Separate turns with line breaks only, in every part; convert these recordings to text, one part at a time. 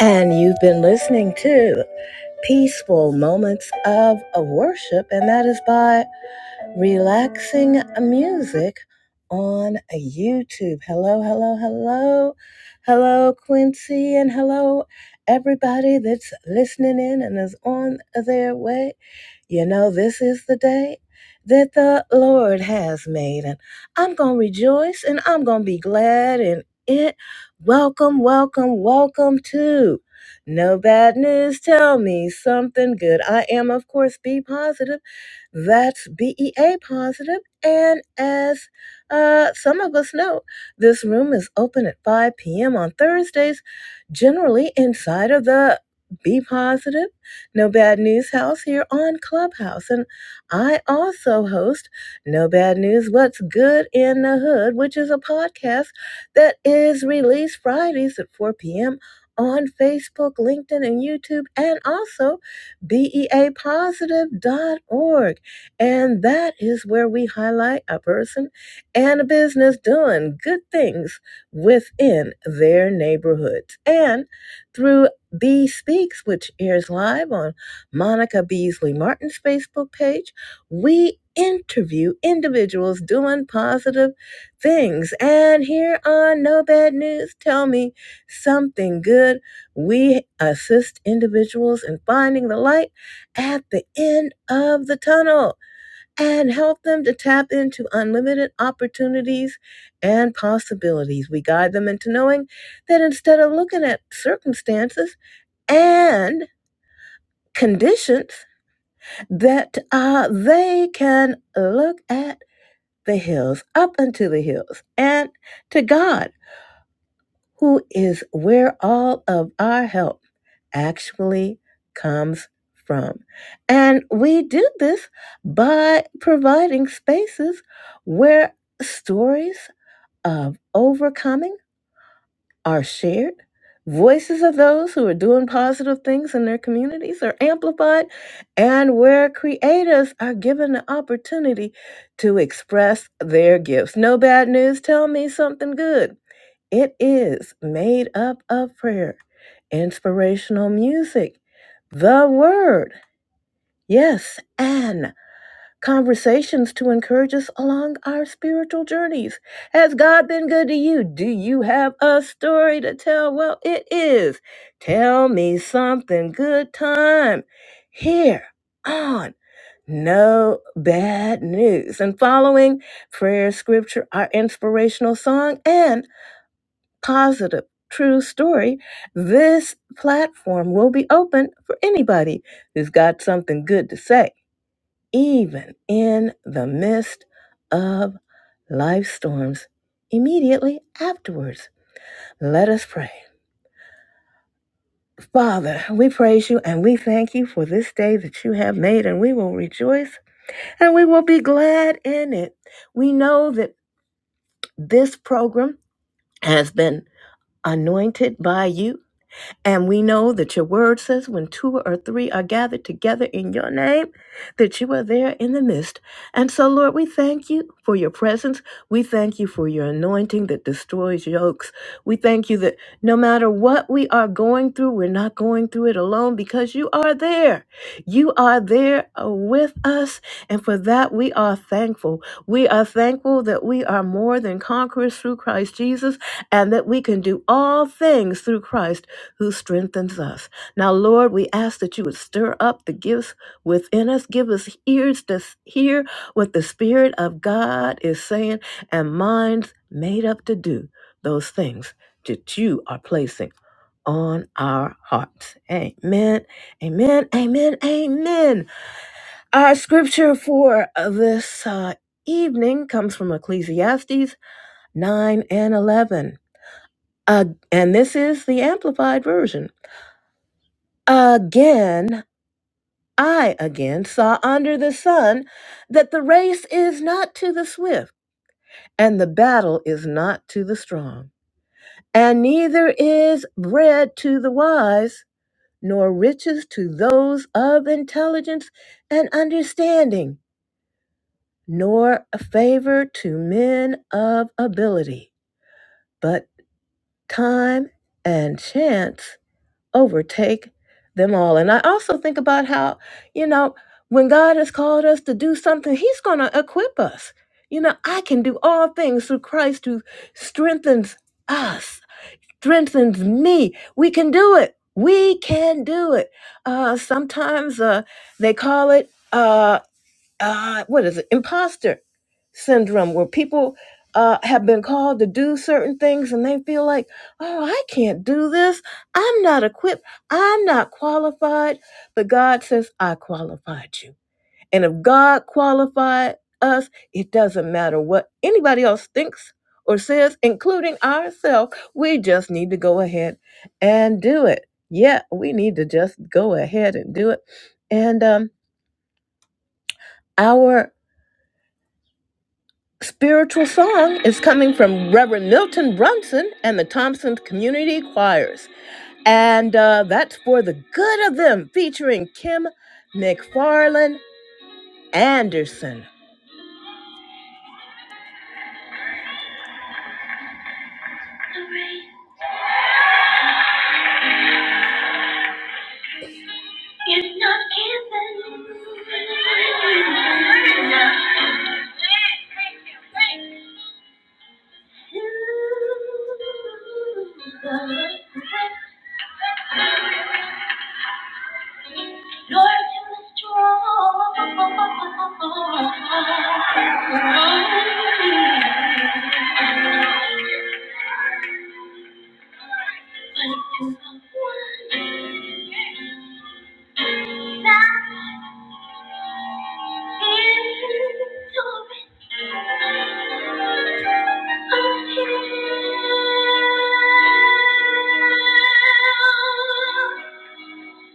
And you've been listening to Peaceful Moments of, of Worship, and that is by relaxing music on YouTube. Hello, hello, hello. Hello, Quincy, and hello, everybody that's listening in and is on their way. You know, this is the day that the Lord has made, and I'm going to rejoice and I'm going to be glad in it. Welcome, welcome, welcome to No Bad News. Tell me something good. I am, of course, be positive that's BEA positive. And as uh, some of us know, this room is open at 5 p.m. on Thursdays, generally inside of the Be Positive, No Bad News House here on Clubhouse. And I also host No Bad News What's Good in the Hood, which is a podcast that is released Fridays at 4 p.m. on Facebook, LinkedIn, and YouTube, and also B E A Positive dot org. And that is where we highlight a person and a business doing good things within their neighborhoods. And through B Speaks, which airs live on Monica Beasley Martin's Facebook page, we interview individuals doing positive things. And here on No Bad News, Tell Me Something Good, we assist individuals in finding the light at the end of the tunnel and help them to tap into unlimited opportunities and possibilities. We guide them into knowing that instead of looking at circumstances and conditions, that uh, they can look at the hills, up unto the hills, and to God, who is where all of our help actually comes from. And we do this by providing spaces where stories of overcoming are shared. Voices of those who are doing positive things in their communities are amplified, and where creators are given the opportunity to express their gifts. No bad news, tell me something good. It is made up of prayer, inspirational music, the word, yes, and conversations to encourage us along our spiritual journeys. Has God been good to you? Do you have a story to tell? Well, it is. Tell me something good time here on No Bad News. And following prayer, scripture, our inspirational song, and positive, true story, this platform will be open for anybody who's got something good to say, even in the midst of life storms. Immediately afterwards, let us pray. Father, we praise you and we thank you for this day that you have made, and we will rejoice and we will be glad in it. We know that this program has been anointed by you And we know that your word says when two or three are gathered together in your name, that you are there in the midst. And so, Lord, we thank you for your presence. We thank you for your anointing that destroys yokes. We thank you that no matter what we are going through, we're not going through it alone because you are there. You are there uh, with us. And for that, we are thankful. We are thankful that we are more than conquerors through Christ Jesus and that we can do all things through Christ who strengthens us. Now, Lord, we ask that you would stir up the gifts within us. Give us ears to s- hear what the Spirit of God is saying and minds made up to do those things that you are placing on our hearts. Amen. Amen. Amen. Amen. Our scripture for this uh, evening comes from Ecclesiastes 9 and 11. Uh, and this is the Amplified Version. Again, I again saw under the sun that the race is not to the swift, and the battle is not to the strong, and neither is bread to the wise, nor riches to those of intelligence and understanding, nor a favor to men of ability, but time and chance overtake them all. And I also think about how, you know, when God has called us to do something, He's going to equip us. You know, I can do all things through Christ who strengthens us, strengthens me. We can do it. We can do it. Uh, sometimes uh, they call it. Uh, uh, what is it, imposter syndrome, where people uh, have been called to do certain things and they feel like, oh, I can't do this. I'm not equipped. I'm not qualified. But God says, I qualified you. And if God qualified us, it doesn't matter what anybody else thinks or says, including ourselves. We just need to go ahead and do it. Yeah, we need to just go ahead and do it. And um, our Spiritual Song is coming from Reverend Milton Brunson and the Thompson Community Choirs. And uh, that's For the Good of Them, featuring Kim McFarlane Anderson. The rain is not given. To the Lord, to the strong. but to the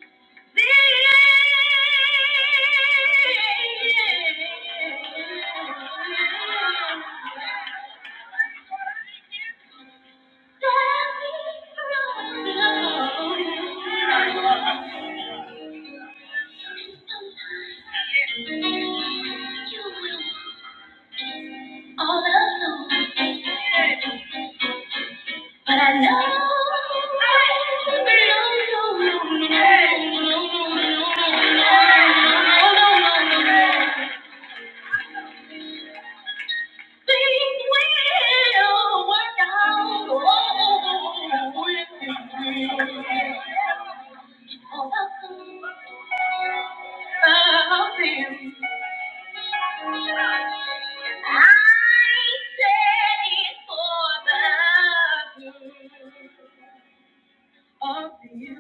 all alone. But I know I belong to you. Things will work out. Oh, I say for the good. of you.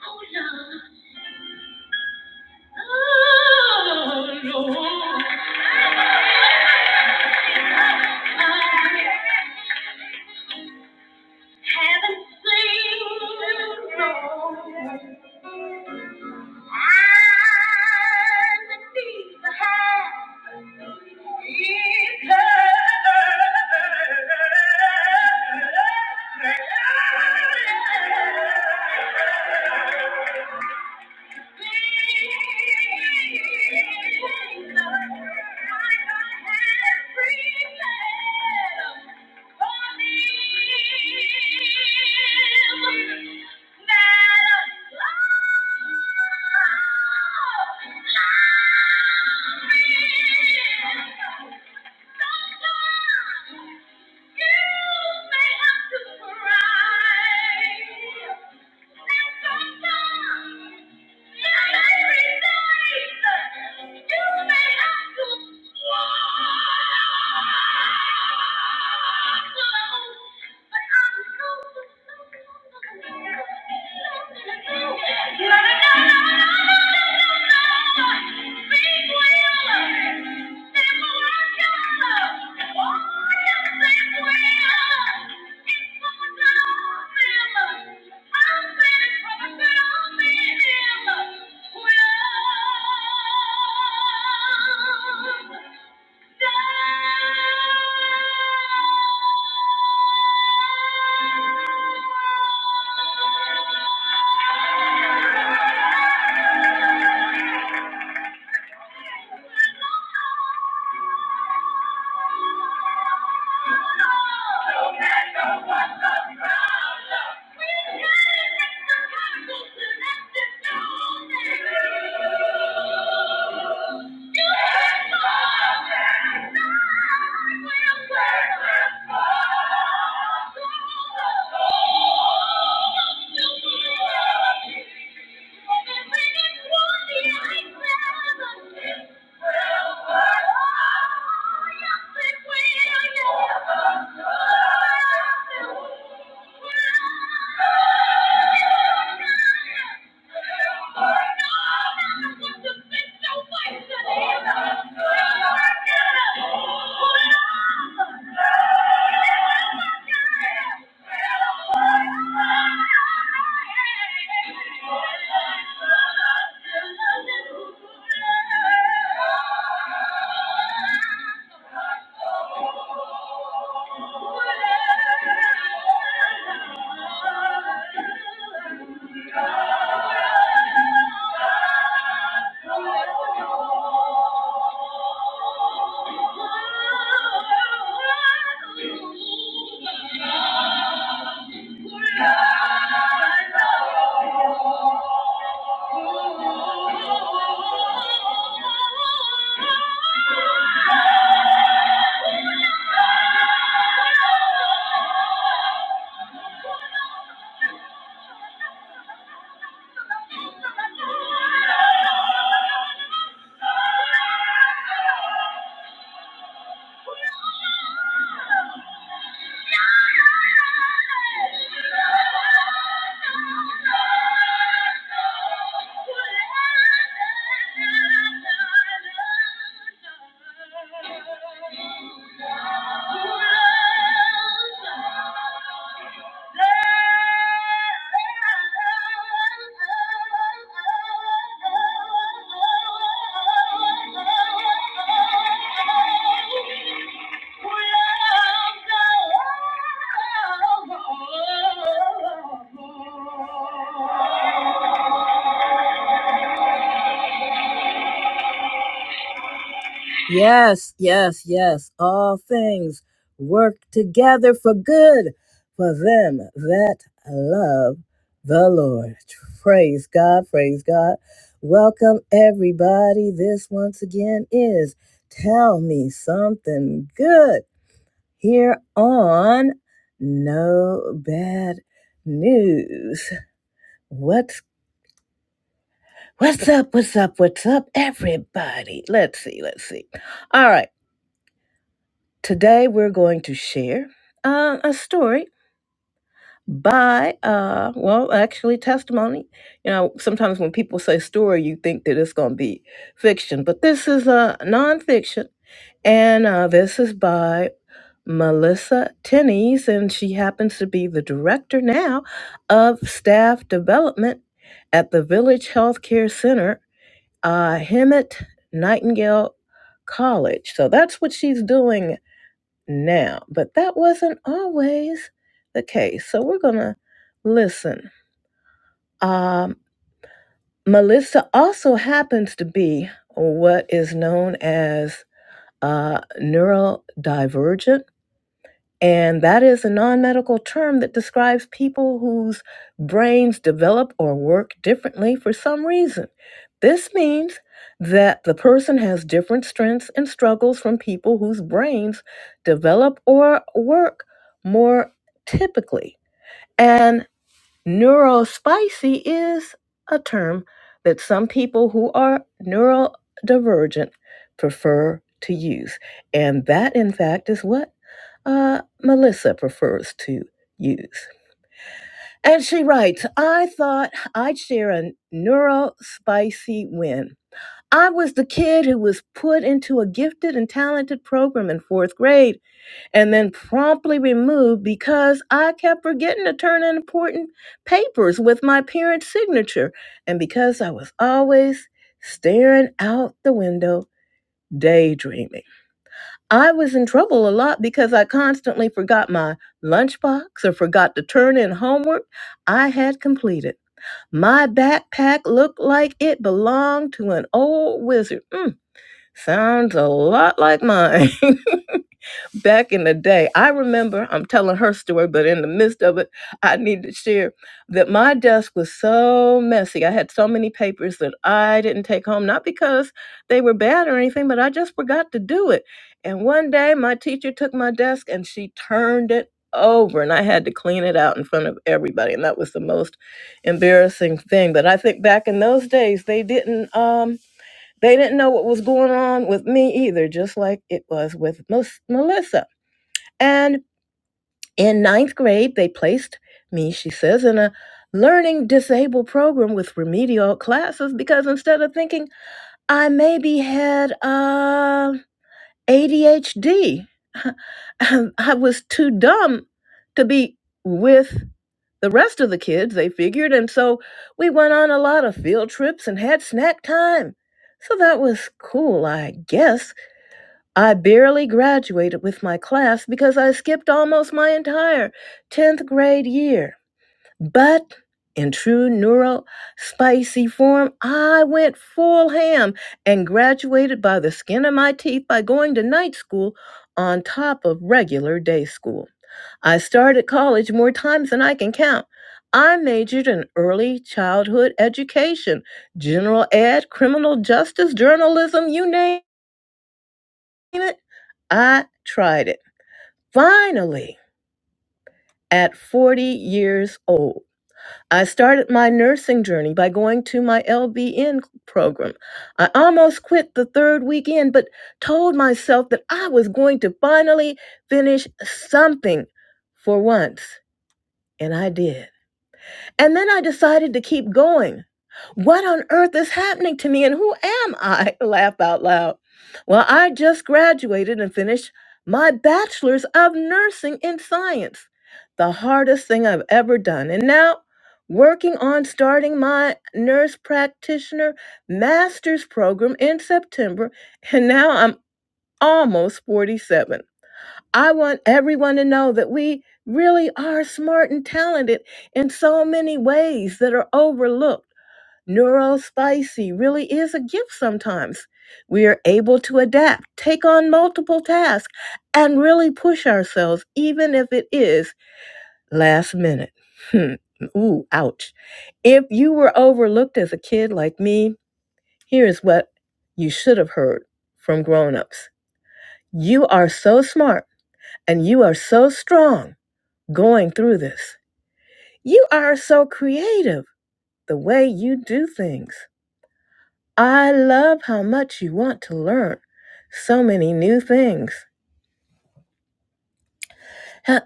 Oh, Lord. Oh, Lord. oh, Lord. Haven't seen no one. Thank you. Thank you. Thank you. Yeah. Thank you. Thank you. Thank you. Thank you. Yes, yes, yes. All things work together for good for them that love the Lord. Praise God, praise God. Welcome, everybody. This once again is Tell Me Something Good here on No Bad News. What's What's up? What's up? What's up, everybody? Let's see. Let's see. All right. Today we're going to share uh, a story by, uh, well, actually testimony. You know, sometimes when people say story, you think that it's going to be fiction, but this is a uh, nonfiction, and uh, this is by Melissa Tennies, and she happens to be the director now of staff development at the Village Healthcare Center, uh, Hemet Nightingale College. So that's what she's doing now. But that wasn't always the case. So we're going to listen. Um, Melissa also happens to be what is known as uh, neurodivergent and that is a non medical term that describes people whose brains develop or work differently for some reason. This means that the person has different strengths and struggles from people whose brains develop or work more typically. And neurospicy is a term that some people who are neurodivergent prefer to use. And that, in fact, is what? uh, Melissa prefers to use. And she writes, I thought I'd share a neuro spicy win. I was the kid who was put into a gifted and talented program in fourth grade and then promptly removed because I kept forgetting to turn in important papers with my parents' signature and because I was always staring out the window daydreaming. I was in trouble a lot because I constantly forgot my lunchbox or forgot to turn in homework I had completed. My backpack looked like it belonged to an old wizard. Mm, sounds a lot like mine. back in the day, I remember I'm telling her story, but in the midst of it, I need to share that my desk was so messy. I had so many papers that I didn't take home, not because they were bad or anything, but I just forgot to do it. And one day, my teacher took my desk and she turned it over, and I had to clean it out in front of everybody. And that was the most embarrassing thing. But I think back in those days, they didn't. Um, they didn't know what was going on with me either, just like it was with Mus- Melissa. And in ninth grade, they placed me, she says, in a learning disabled program with remedial classes because instead of thinking I maybe had uh, ADHD, I was too dumb to be with the rest of the kids, they figured. And so we went on a lot of field trips and had snack time. So that was cool, I guess. I barely graduated with my class because I skipped almost my entire 10th grade year. But in true neuro spicy form, I went full ham and graduated by the skin of my teeth by going to night school on top of regular day school. I started college more times than I can count. I majored in early childhood education, general ed, criminal justice, journalism, you name it. I tried it. Finally, at 40 years old, I started my nursing journey by going to my LBN program. I almost quit the third weekend, but told myself that I was going to finally finish something for once, and I did. And then I decided to keep going. What on earth is happening to me and who am I? Laugh out loud. Well, I just graduated and finished my bachelor's of nursing in science, the hardest thing I've ever done. And now, working on starting my nurse practitioner master's program in September. And now I'm almost 47. I want everyone to know that we really are smart and talented in so many ways that are overlooked. Neurospicy really is a gift sometimes. We are able to adapt, take on multiple tasks, and really push ourselves, even if it is last minute. Hmm. Ooh, ouch. If you were overlooked as a kid like me, here is what you should have heard from grown ups. You are so smart and you are so strong going through this. You are so creative the way you do things. I love how much you want to learn so many new things.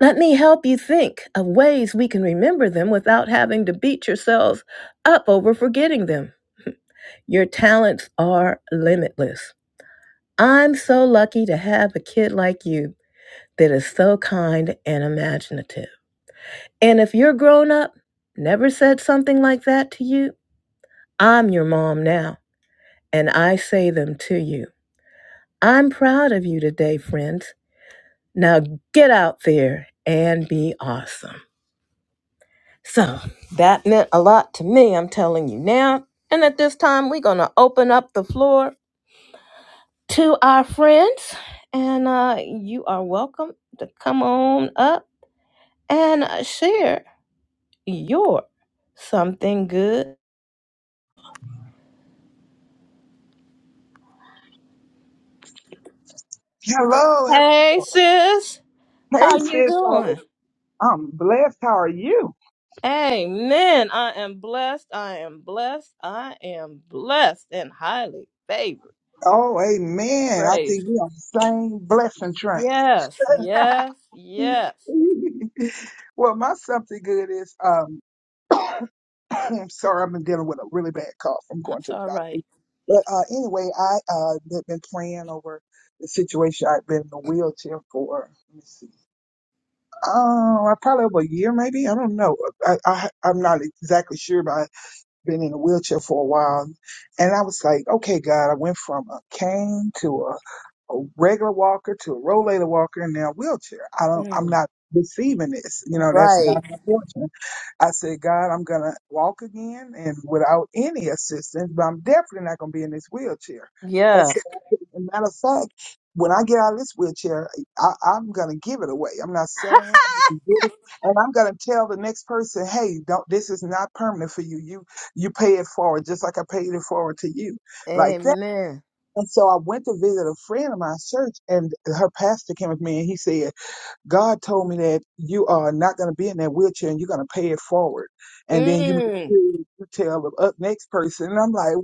Let me help you think of ways we can remember them without having to beat yourselves up over forgetting them. Your talents are limitless. I'm so lucky to have a kid like you that is so kind and imaginative. And if your grown up never said something like that to you, I'm your mom now. and I say them to you. I'm proud of you today, friends. Now get out there and be awesome. So that meant a lot to me, I'm telling you now. And at this time, we're going to open up the floor to our friends. And uh, you are welcome to come on up and uh, share your something good.
Hello,
Hey,
hello.
sis,
Hey,
how you
sis.
doing?
Always. I'm blessed. How are you?
Amen. I am blessed. I am blessed. I am blessed and highly favored.
Oh, amen. I
Praise.
think we on the same blessing train.
Yes, yes, yes.
well, my something good is um, I'm sorry, I've been dealing with a really bad cough from going
That's
to the
all right.
doctor. But uh, anyway, I uh, have been praying over the situation. I've been in a wheelchair for let me see, uh, probably over a year, maybe. I don't know. I, I I'm not exactly sure, but been in a wheelchair for a while. And I was like, okay, God, I went from a cane to a, a regular walker to a rollator walker and now wheelchair. I don't, I'm
Mm,
not receiving this. You know, that's
right.
not my portion. I said, God, I'm going to walk again and without any assistance, but I'm definitely not going to be in this wheelchair. And so,
Yes.
as a matter of fact, when I get out of this wheelchair, I, I'm going to give it away. I'm not selling it. I'm gonna give it- And I'm going to tell the next person, hey, don't, this is not permanent for you. You, you pay it forward, just like I paid it forward to you like that.
Amen.
And so I went to visit a friend of my church and her pastor came with me and he said, God told me that you are not going to be in that wheelchair and you're going to pay it forward. And then you make
Mm,
sure you tell the up next person. And I'm like,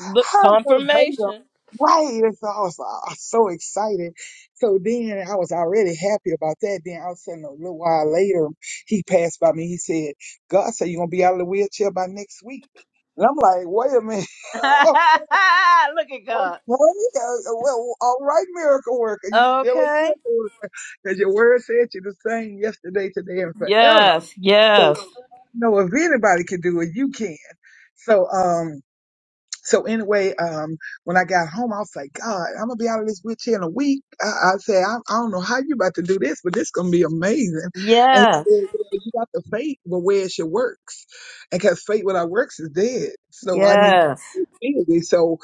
look,
how verbatim?
confirmation.
Right. And so I was, like, I was so excited. So then I was already happy about that. Then all of a sudden, a little while later, he passed by me. He said, God said you're going to be out of the wheelchair by next week. And I'm like, wait a minute.
Look at
Okay,
God.
uh, well, all right, miracle worker, you still a
Okay.
miracle worker, because your word said you're the same yesterday, today, and forever.
Yes,
So, you
yes,
know, if anybody can do it, you can. So, um, so anyway, um, when I got home, I was like, God, I'm gonna be out of this wheelchair in a week. I, I said, I, I don't know how you about to do this, but this gonna be amazing. And he said,
yes,
well, you got the faith, but where's your works? And cause faith without works is dead. So I need
yes.
Tuesday. So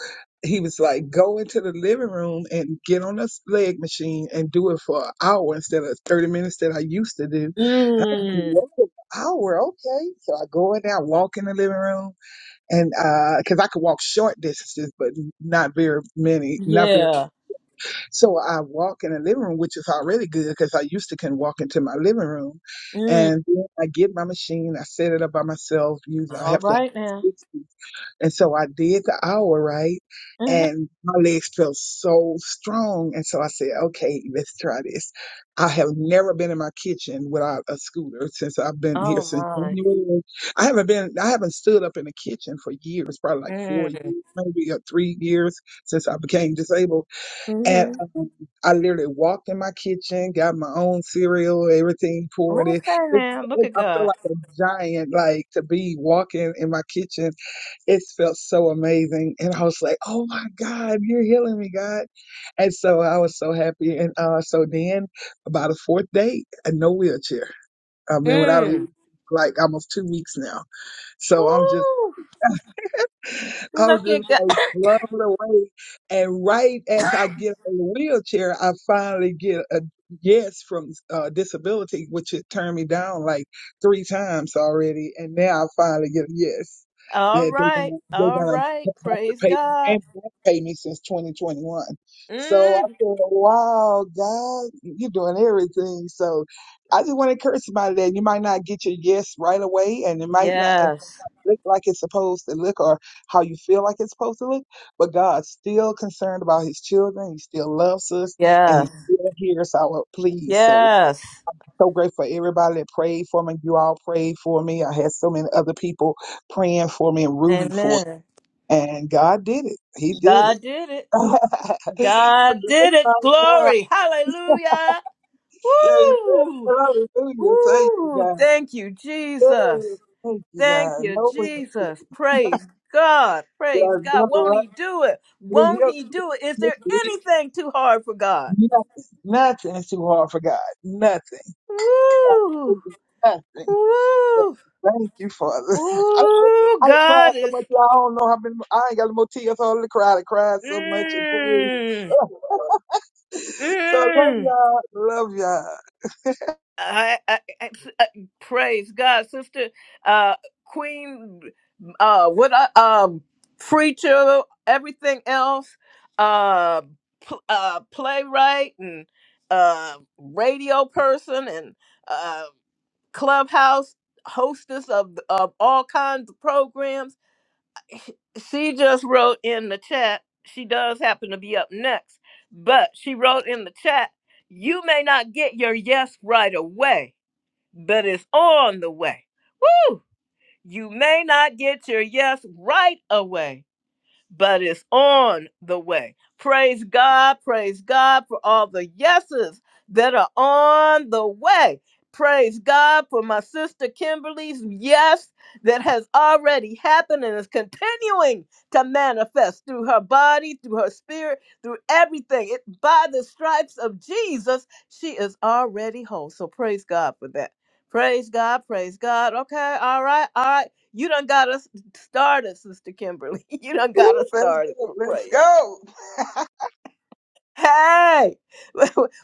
he was like, go into the living room and get on this leg machine and do it for an hour instead of 30 minutes that I used to do. And I was like,
Mm,
whoa, an hour, okay. So I go in there, I walk in the living room and because I could walk short distances, but not very many, not very.
yeah.
So I walk in the living room, which is already good because I used to can walk into my living room,
Mm,
and then I get my machine, I set it up by myself. Use I
all
have to.
right now.
have and so I did the hour, right?
hmm
And my legs felt so strong. And so I said, okay, let's try this. I have never been in my kitchen without a scooter since I've been here
Oh
since
my.
January. I haven't been, I haven't stood up in the kitchen for years, probably like
Mm.
four years, maybe or three years since I became disabled. And
hmm
um, I literally walked in my kitchen, got my own cereal, everything poured in.
Okay
It,
now. Look
it,
at
I feel
God.
like a giant, like to be walking in my kitchen it felt so amazing. And I was like, oh my God, you're healing me, God. And so I was so happy. And uh, so then, about a fourth day, and no wheelchair. I've been without a wheelchair
Mm.
like almost two weeks now. So I'm just
Woo.
I was
Look at
just
God.
like blown away. And right as I get on the wheelchair, I finally get a yes from uh, disability, which had turned me down like three times already. And now I finally get a yes
All
that they're
right.
gonna, they're
All
gonna
right.
have to
Praise
pay me
God.
and won't pay me since 2021. So I
Mm.
said, wow, God, you're doing everything. So I just want to encourage somebody that you might not get your yes right away, and it might not
Yes.
look like it's supposed to look or how you feel like it's supposed to look, but God's still concerned about his children. He still loves us and he
Yes.
still hears our pleas. So,
Yes.
so grateful for everybody that prayed for me. You all prayed for me. I had so many other people praying for me and rooting for
Amen.
me. And God did it. He did it.
God did it.
so
God did
let's
it.
find out.
Glory. Hallelujah.
Amen.
Woo.
Hallelujah. Thank you,
Woo.
God.
Thank you,
Yes.
Jesus.
Thank you,
Thank
God.
you,
No way.
Jesus. Praise God. Praise
God's
God.
love,
Won't
right?
He do it? Won't
You're
He do it? Is there
here.
anything too hard for God?
Nothing, nothing is too hard for God. Nothing,
Woo!
nothing. So,
Woo!
Thank you, Father. I,
Ooh,
I cried
God
so
is.
much. y'all, I don't know how many. I ain't got no more tears. All to cry. I cried so much and prayed. so I love
Mmm.
y'all. Love y'all.
I, I, I- praise God, sister, uh, queen, uh, what, I, um, preacher, everything else, uh, pl- uh, playwright and, uh, radio person and, uh, clubhouse hostess of, of all kinds of programs. She just wrote in the chat, she does happen to be up next, but she wrote in the chat, you may not get your yes right away but it's on the way. Woo! You may not get your yes right away but it's on the way. Praise God, praise God for all the yeses that are on the way. Praise God for my sister Kimberly's yes that has already happened and is continuing to manifest through her body, through her spirit, through everything. It, by the stripes of Jesus, she is already whole. So praise God for that. Praise God, praise God. Okay, all right, all right. You done got us started, Sister Kimberly. You done
Woo,
got us
Let's
started
go.
for
Let's
praise.
go.
Hey,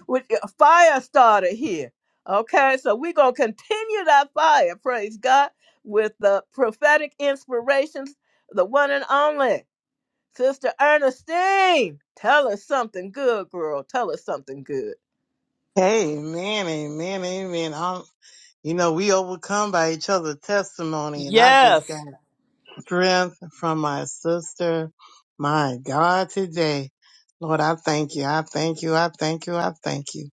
with a fire starter here. Okay, so we're going to continue that fire, praise God, with the prophetic inspirations, the one and only Sister Ernestine. Tell us something good, girl. Tell us something good.
Amen, amen, amen. Um, you know, we overcome by each other's testimony, and I just
Yes.
got strength from my sister. My God, today, Lord, I thank you. I thank you. I thank you. I thank you.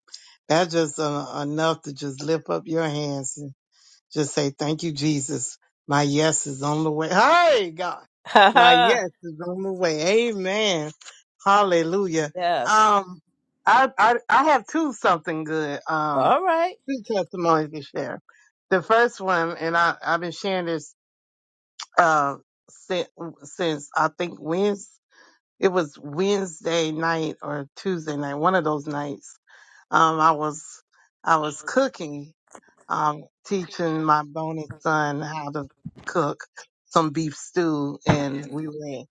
That's just uh, enough to just lift up your hands and just say, Thank you, Jesus. My yes is on the way. Hey, God, my
Haha.
yes is on the way. Amen. Hallelujah.
yes.
Um, I, I, I have two something good. Um,
All right.
two testimonies to share. The first one, and I, I've been sharing this uh, since, since I think Wednesday, it was Wednesday night or Tuesday night, one of those nights. Um, I was I was cooking, um, teaching my bonus son how to cook some beef stew, and we were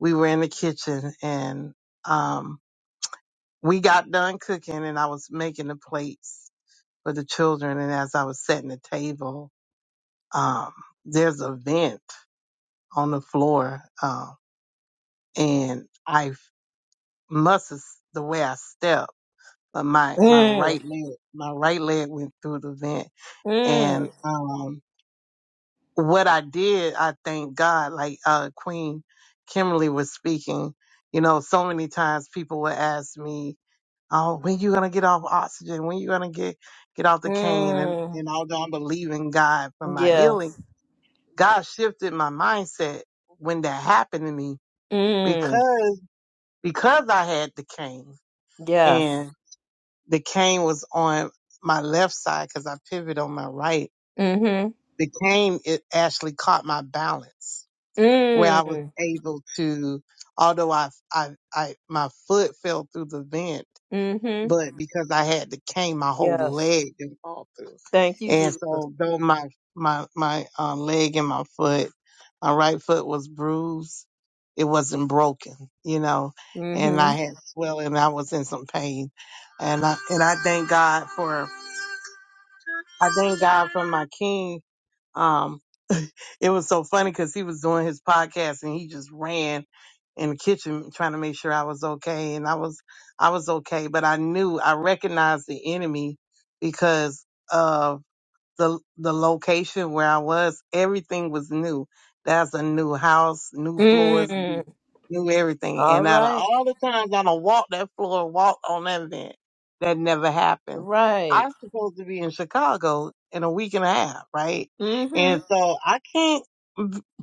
we were in the kitchen, and um, we got done cooking, and I was making the plates for the children, and as I was setting the table um, there's a vent on the floor, um, and I must have the way I stepped, but my my
Mm.
right leg, my right leg went through the vent, and
Mm.
um, what I did, I thank God, like uh, Queen Kimberly was speaking. You know, so many times people would ask me, "Oh, when you gonna get off oxygen? When you gonna get get off the cane?" And
Mm.
and although I believe in God for my
Yes.
healing God shifted my mindset when that happened to me
Mm.
because because I had the cane
yes.
and the cane was on my left side because I pivoted on my right.
Mm-hmm.
The cane it actually caught my balance where I was
Mm.
able to, although I I I my foot fell through the vent,
Mm-hmm.
but because I had to cane, my whole
Yes.
leg didn't fall through.
Thank you,
And
Jesus.
so though my my my um, leg and my foot, my right foot was bruised, it wasn't broken, you know, and
Mm-hmm.
I had swelling, I was in some pain. And I and I thank God for I thank God for my king. Um, it was so funny because he was doing his podcast and he just ran in the kitchen trying to make sure I was okay. And I was, I was okay, but I knew I recognized the enemy because of the, the location where I was. Everything was new. That's a new house, new floors,
Mm.
new, new everything.
All
And out of
right.
all the times I don't walk that floor, walk on that vent, that never happened.
Right.
I was supposed to be in Chicago in a week and a half, right? And
Mm-hmm.
so I can't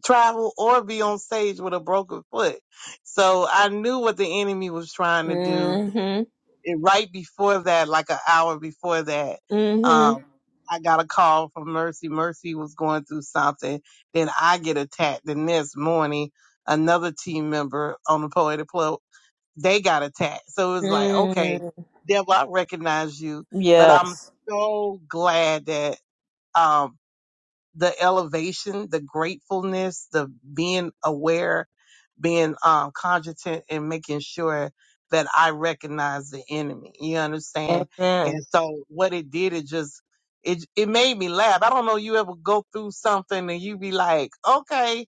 travel or be on stage with a broken foot. So I knew what the enemy was trying to do.
Mm-hmm.
And right before that, like an hour before that, um,
Mm-hmm.
I got a call from Mercy. Mercy was going through something. Then I get attacked. The next morning, another team member on the Poetic Club, they got attacked. So it was like, okay,
Mm.
devil, I recognize you, but I'm
Yes.
so glad that, um, the elevation, the gratefulness, the being aware, being um, cogitant, and making sure that I recognize the enemy. You understand?
Amen.
And so what it did, it just it it made me laugh. I don't know. You ever go through something and you be like, okay,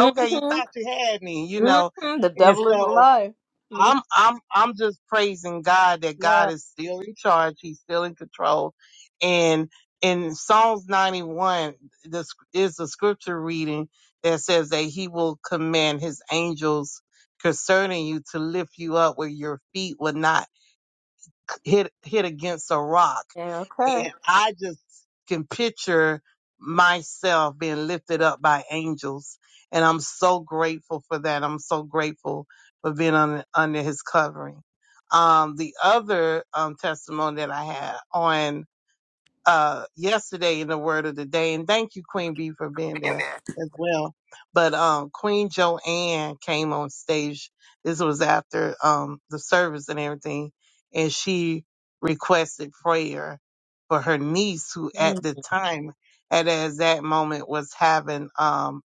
okay, you thought you had me, you know?
Mm-hmm. The
And
devil is
so
alive. Mm.
I'm I'm I'm just praising God that God
Yeah.
is still in charge. He's still in control. And in Psalms 91, this is the scripture reading that says that he will command his angels concerning you to lift you up where your feet will not hit hit against a rock.
Yeah. Okay.
And I just can picture myself being lifted up by angels. And I'm so grateful for that. I'm so grateful for being on, under his covering. Um, the other um, testimony that I had on uh yesterday in the word of the day and thank you queen b for being there as well but um queen joanne came on stage this was after um the service and everything and she requested prayer for her niece who at the time at as that moment was having um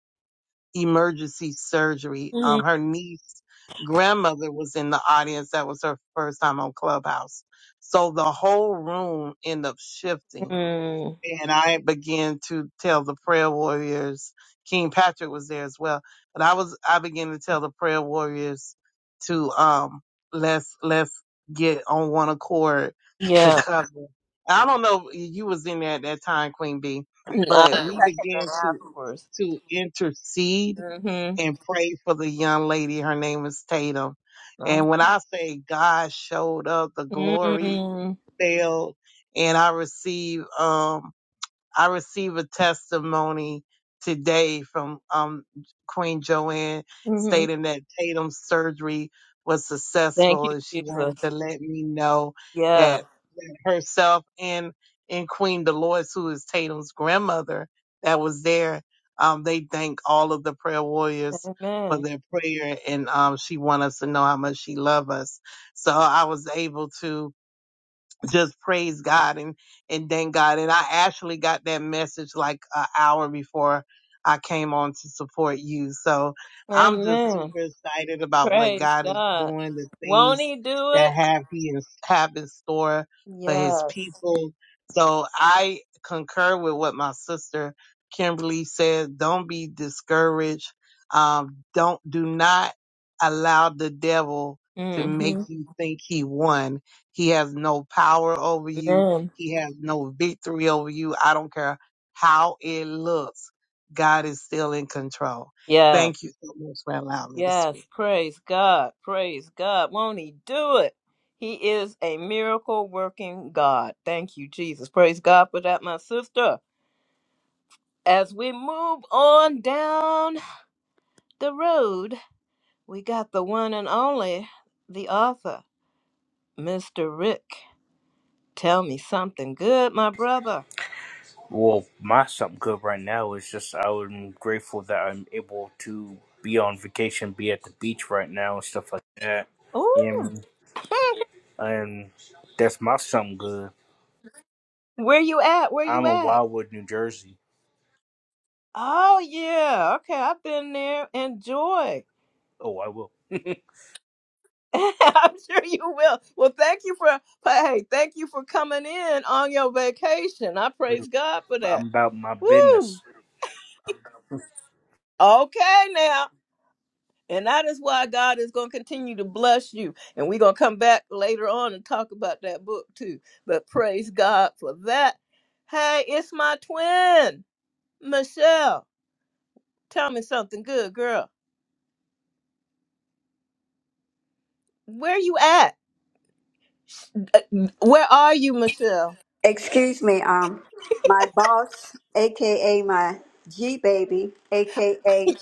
emergency surgery um her niece grandmother was in the audience that was her first time on clubhouse so the whole room ended up shifting
Mm.
and I began to tell the prayer warriors. King Patrick was there as well, but I was I began to tell the prayer warriors to um let's let's get on one accord to
Yeah.
cover. I don't know if you was in there at that time, Queen B,
No,
but
I
we
think I can go
began to
afterwards.
to intercede
Mm-hmm.
and pray for the young lady. Her name is Tatum,
No.
and when I say God showed up, the glory
hmm
fell, and I received. Um, I receive a testimony today from um, Queen Joanne
Mm-hmm.
stating that Tatum's surgery was
Thank
successful,
you,
and she wanted
Jesus.
to let me know
Yeah.
that herself and and Queen Dolores, who is Tatum's grandmother, that was there. Um, they thank all of the prayer warriors for
Amen.
their prayer, and um, she want us to know how much she love us. So I was able to just praise God and and thank God. And I actually got that message like an hour before I came on to support you. So I'm just super
Amen.
excited about what
Praise
God is
God.
doing, the
Won't
things
he do
that
it?
have he in, have in store for His
Yes.
people. So I concur with what my sister Kimberly said. Don't be discouraged. Um, don't do not allow the devil to make
Mm-hmm.
you think he won he has no power over you.
Amen.
He has no victory over you. I don't care how it looks. God is still in control.
Yeah.
Thank you so much for allowing me to
Yes.
speak.
Praise God. Praise God. Won't he do it? He is a miracle working God. Thank you, Jesus. Praise God for that, my sister. As we move on down the road, we got the one and only, the author, Mr. Rick. Tell me something good, my brother.
Well, my something good right now is just I'm grateful that I'm able to be on vacation, be at the beach right now and stuff like that. Yeah,
Oh,
and that's my something good.
Where you at? Where you
I'm in
at?
Wildwood, New Jersey.
Oh yeah. Okay, I've been there. Enjoy.
Oh, I will.
I'm sure you will. Well, thank you for hey, thank you for coming in on your vacation. I praise God for that.
I'm about my
Woo!
business.
Okay now. And that is why God is going to continue to bless you. And we're going to come back later on and talk about that book too. But praise God for that. Hey, it's my twin, Michelle. Tell me something good, girl. Where you at? Uh, Where are you, Michelle?
Excuse me, um, my boss, aka my G baby, aka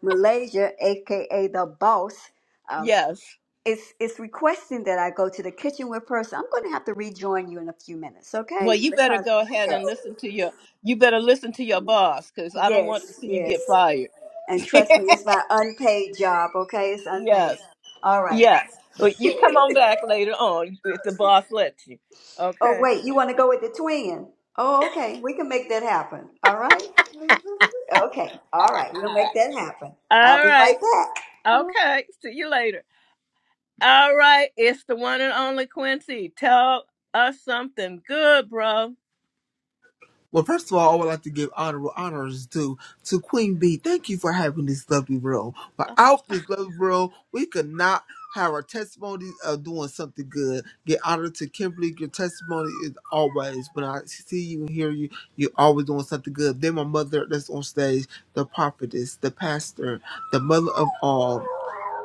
Malaysia, aka the boss, um,
Yes.
is is requesting that I go to the kitchen with her. So I'm going to have to rejoin you in a few minutes, okay?
Well, you better
Because
go ahead
yes,
and listen to your. You better listen to your boss, because I don't want to
yes,
see you
yes,
get fired.
and trust me, it's my unpaid job, okay? It's unpaid.
yes.
All right.
Yes. Well, you come on back later on if the boss lets you.
Oh
Okay.
wait, you want to go with the twin? Oh, okay. We can make that happen. All right. Okay. All right. We'll make that happen. I'll
All
be
right.
right back.
Okay. See you later. All right. It's the one and only Quincy. Tell us something good, bro.
Well, first of all, I would like to give honorable honors to to Queen Bee. Thank you for having this lovely room. Without this lovely room, we could not have our testimony of doing something good. Get honored to Kimberly. Your testimony is always when I see you and hear you, you're always doing something good. Then my mother that's on stage, the prophetess, the pastor, the mother of all.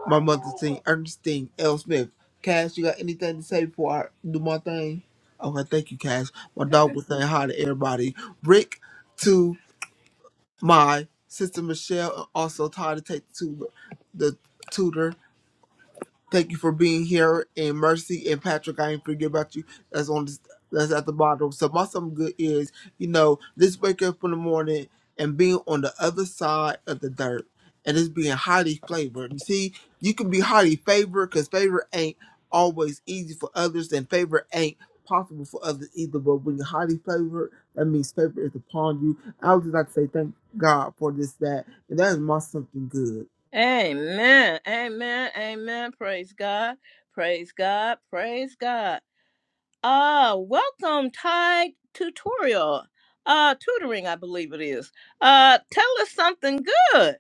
My mother sing Ernestine L. Smith. Cash, you got anything to say before I do my thing? Okay, thank you, Cash. My dog was saying hi to everybody. Rick to my sister Michelle, and also Todd to take to the tutor. Thank you for being here. And Mercy and Patrick, I ain't forget about you. That's on this, that's at the bottom. So my something good is, you know, this wake up in the morning and being on the other side of the dirt. And it's being highly favored. You see, you can be highly favored because favor ain't always easy for others, and favor ain't possible for others either. But when you're highly favored, that means favor is upon you. I would just like to say thank God for this, that, and that is my something good.
Amen. Amen. Amen. Praise God. Praise God. Praise God. Uh, welcome Tide tutorial. Uh, tutoring, I believe it is. Uh, tell us something good.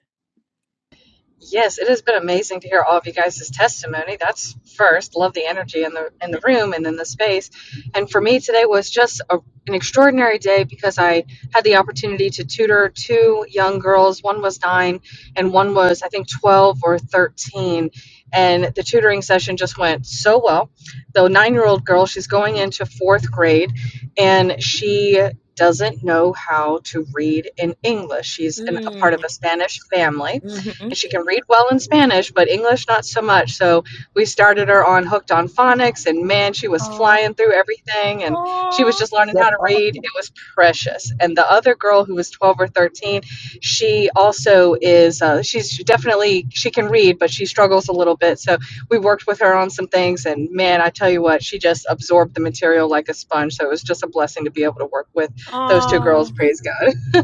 Yes, it has been amazing to hear all of you guys' testimony. That's first, love the energy in the in the room and in the space. And for me today was just a, an extraordinary day because I had the opportunity to tutor two young girls. One was 9 and one was I think 12 or 13. And the tutoring session just went so well. The 9-year-old girl, she's going into 4th grade and she doesn't know how to read in English. She's in a part
Mm.
of a Spanish family
Mm-hmm.
and she can read well in Spanish, but English not so much. So we started her on Hooked on Phonics, and man, she was flying through everything, and she was just learning how
That's
to read. It
awesome.
was precious. And the other girl who was 12 or 13, she also is, uh, she's she definitely, she can read, but she struggles a little bit. So we worked with her on some things, and man, I tell you what, she just absorbed the material like a sponge. So it was just a blessing to be able to work with those two
Oh.
girls, praise God.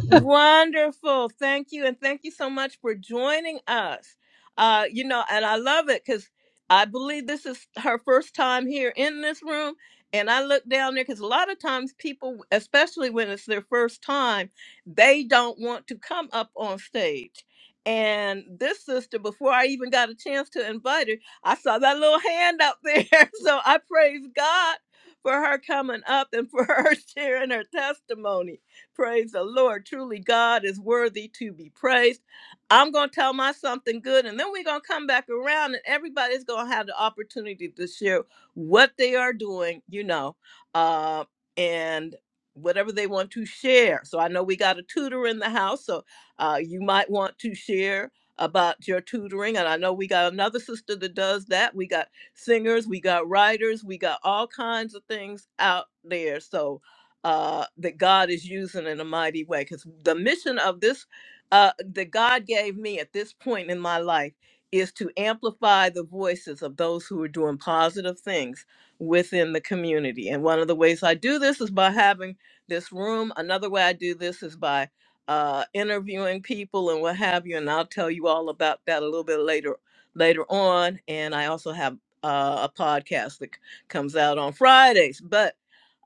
Wonderful. Thank you. And thank you so much for joining us. Uh, you know, and I love it because I believe this is her first time here in this room. And I look down there because a lot of times people, especially when it's their first time, they don't want to come up on stage. And this sister, before I even got a chance to invite her, I saw that little hand up there. So I praise God for her coming up and for her sharing her testimony. Praise the Lord. Truly, God is worthy to be praised. I'm going to tell my something good, and then we're going to come back around, and everybody's going to have the opportunity to share what they are doing, you know, uh, and whatever they want to share. So I know we got a tutor in the house, so uh, you might want to share about your tutoring. And I know we got another sister that does that. We got singers, we got writers, we got all kinds of things out there. So, uh, that God is using in a mighty way. Because the mission of this, uh, that God gave me at this point in my life, is to amplify the voices of those who are doing positive things within the community. And one of the ways I do this is by having this room. Another way I do this is by uh, interviewing people and what have you. And I'll tell you all about that a little bit later later on. And I also have uh, a podcast that c- comes out on Fridays. But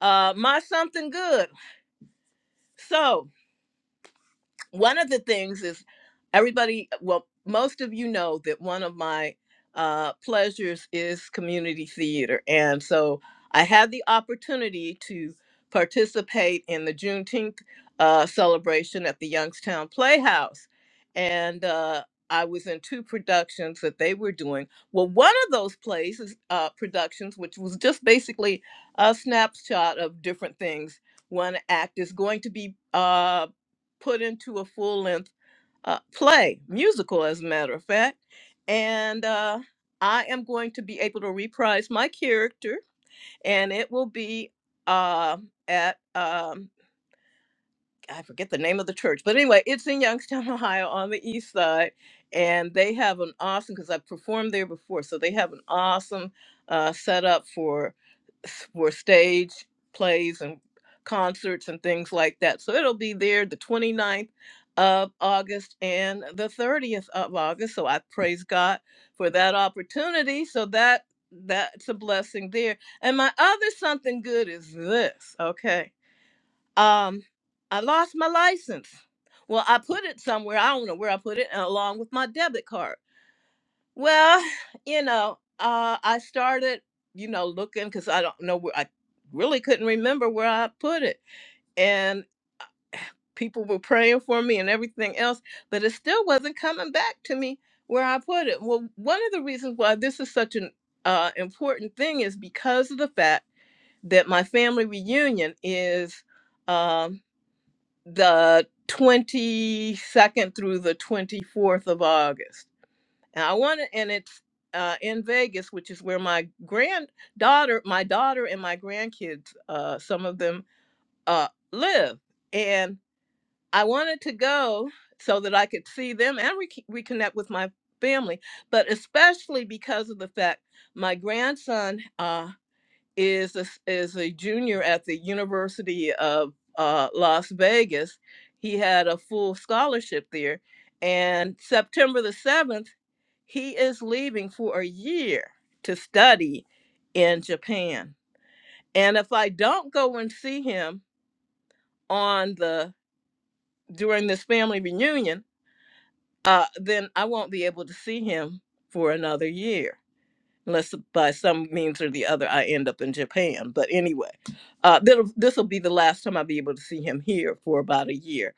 uh, my something good. So, one of the things is everybody well most of you know that one of my uh, pleasures is community theater and so i had the opportunity to participate in the juneteenth uh, celebration at the youngstown playhouse and uh, i was in two productions that they were doing well one of those plays uh, productions which was just basically a snapshot of different things one act is going to be uh, put into a full length uh, play, musical, as a matter of fact. And uh, I am going to be able to reprise my character, and it will be uh, at. um, I forget the name of the church, but anyway, it's in Youngstown, Ohio, on the east side, and they have an awesome because I've performed there before, so they have an awesome uh, setup for for stage plays and concerts and things like that. So it'll be there the 29th of August and the 30th of August. So I praise God for that opportunity. So that that's a blessing there. And my other something good is this. Okay um i lost my license well i put it somewhere i don't know where i put it and along with my debit card well you know uh i started you know looking because i don't know where i really couldn't remember where i put it and people were praying for me and everything else but it still wasn't coming back to me where i put it well one of the reasons why this is such an uh, important thing is because of the fact that my family reunion is Um, the 22nd through the 24th of August. And I want to, and it's uh, in Vegas, which is where my granddaughter, my daughter, and my grandkids, uh, some of them uh, live. And I wanted to go so that I could see them and re- reconnect with my family, but especially because of the fact my grandson. uh, is a, s- is a junior at the University of uh, Las Vegas. He had a full scholarship there, and September the seventh, he is leaving for a year to study in Japan. And if I don't go and see him on the during this family reunion, uh, then I won't be able to see him for another year. unless by some means or the other I end up in Japan. But anyway, uh, this will be the last time I'll be able to see him here for about a year.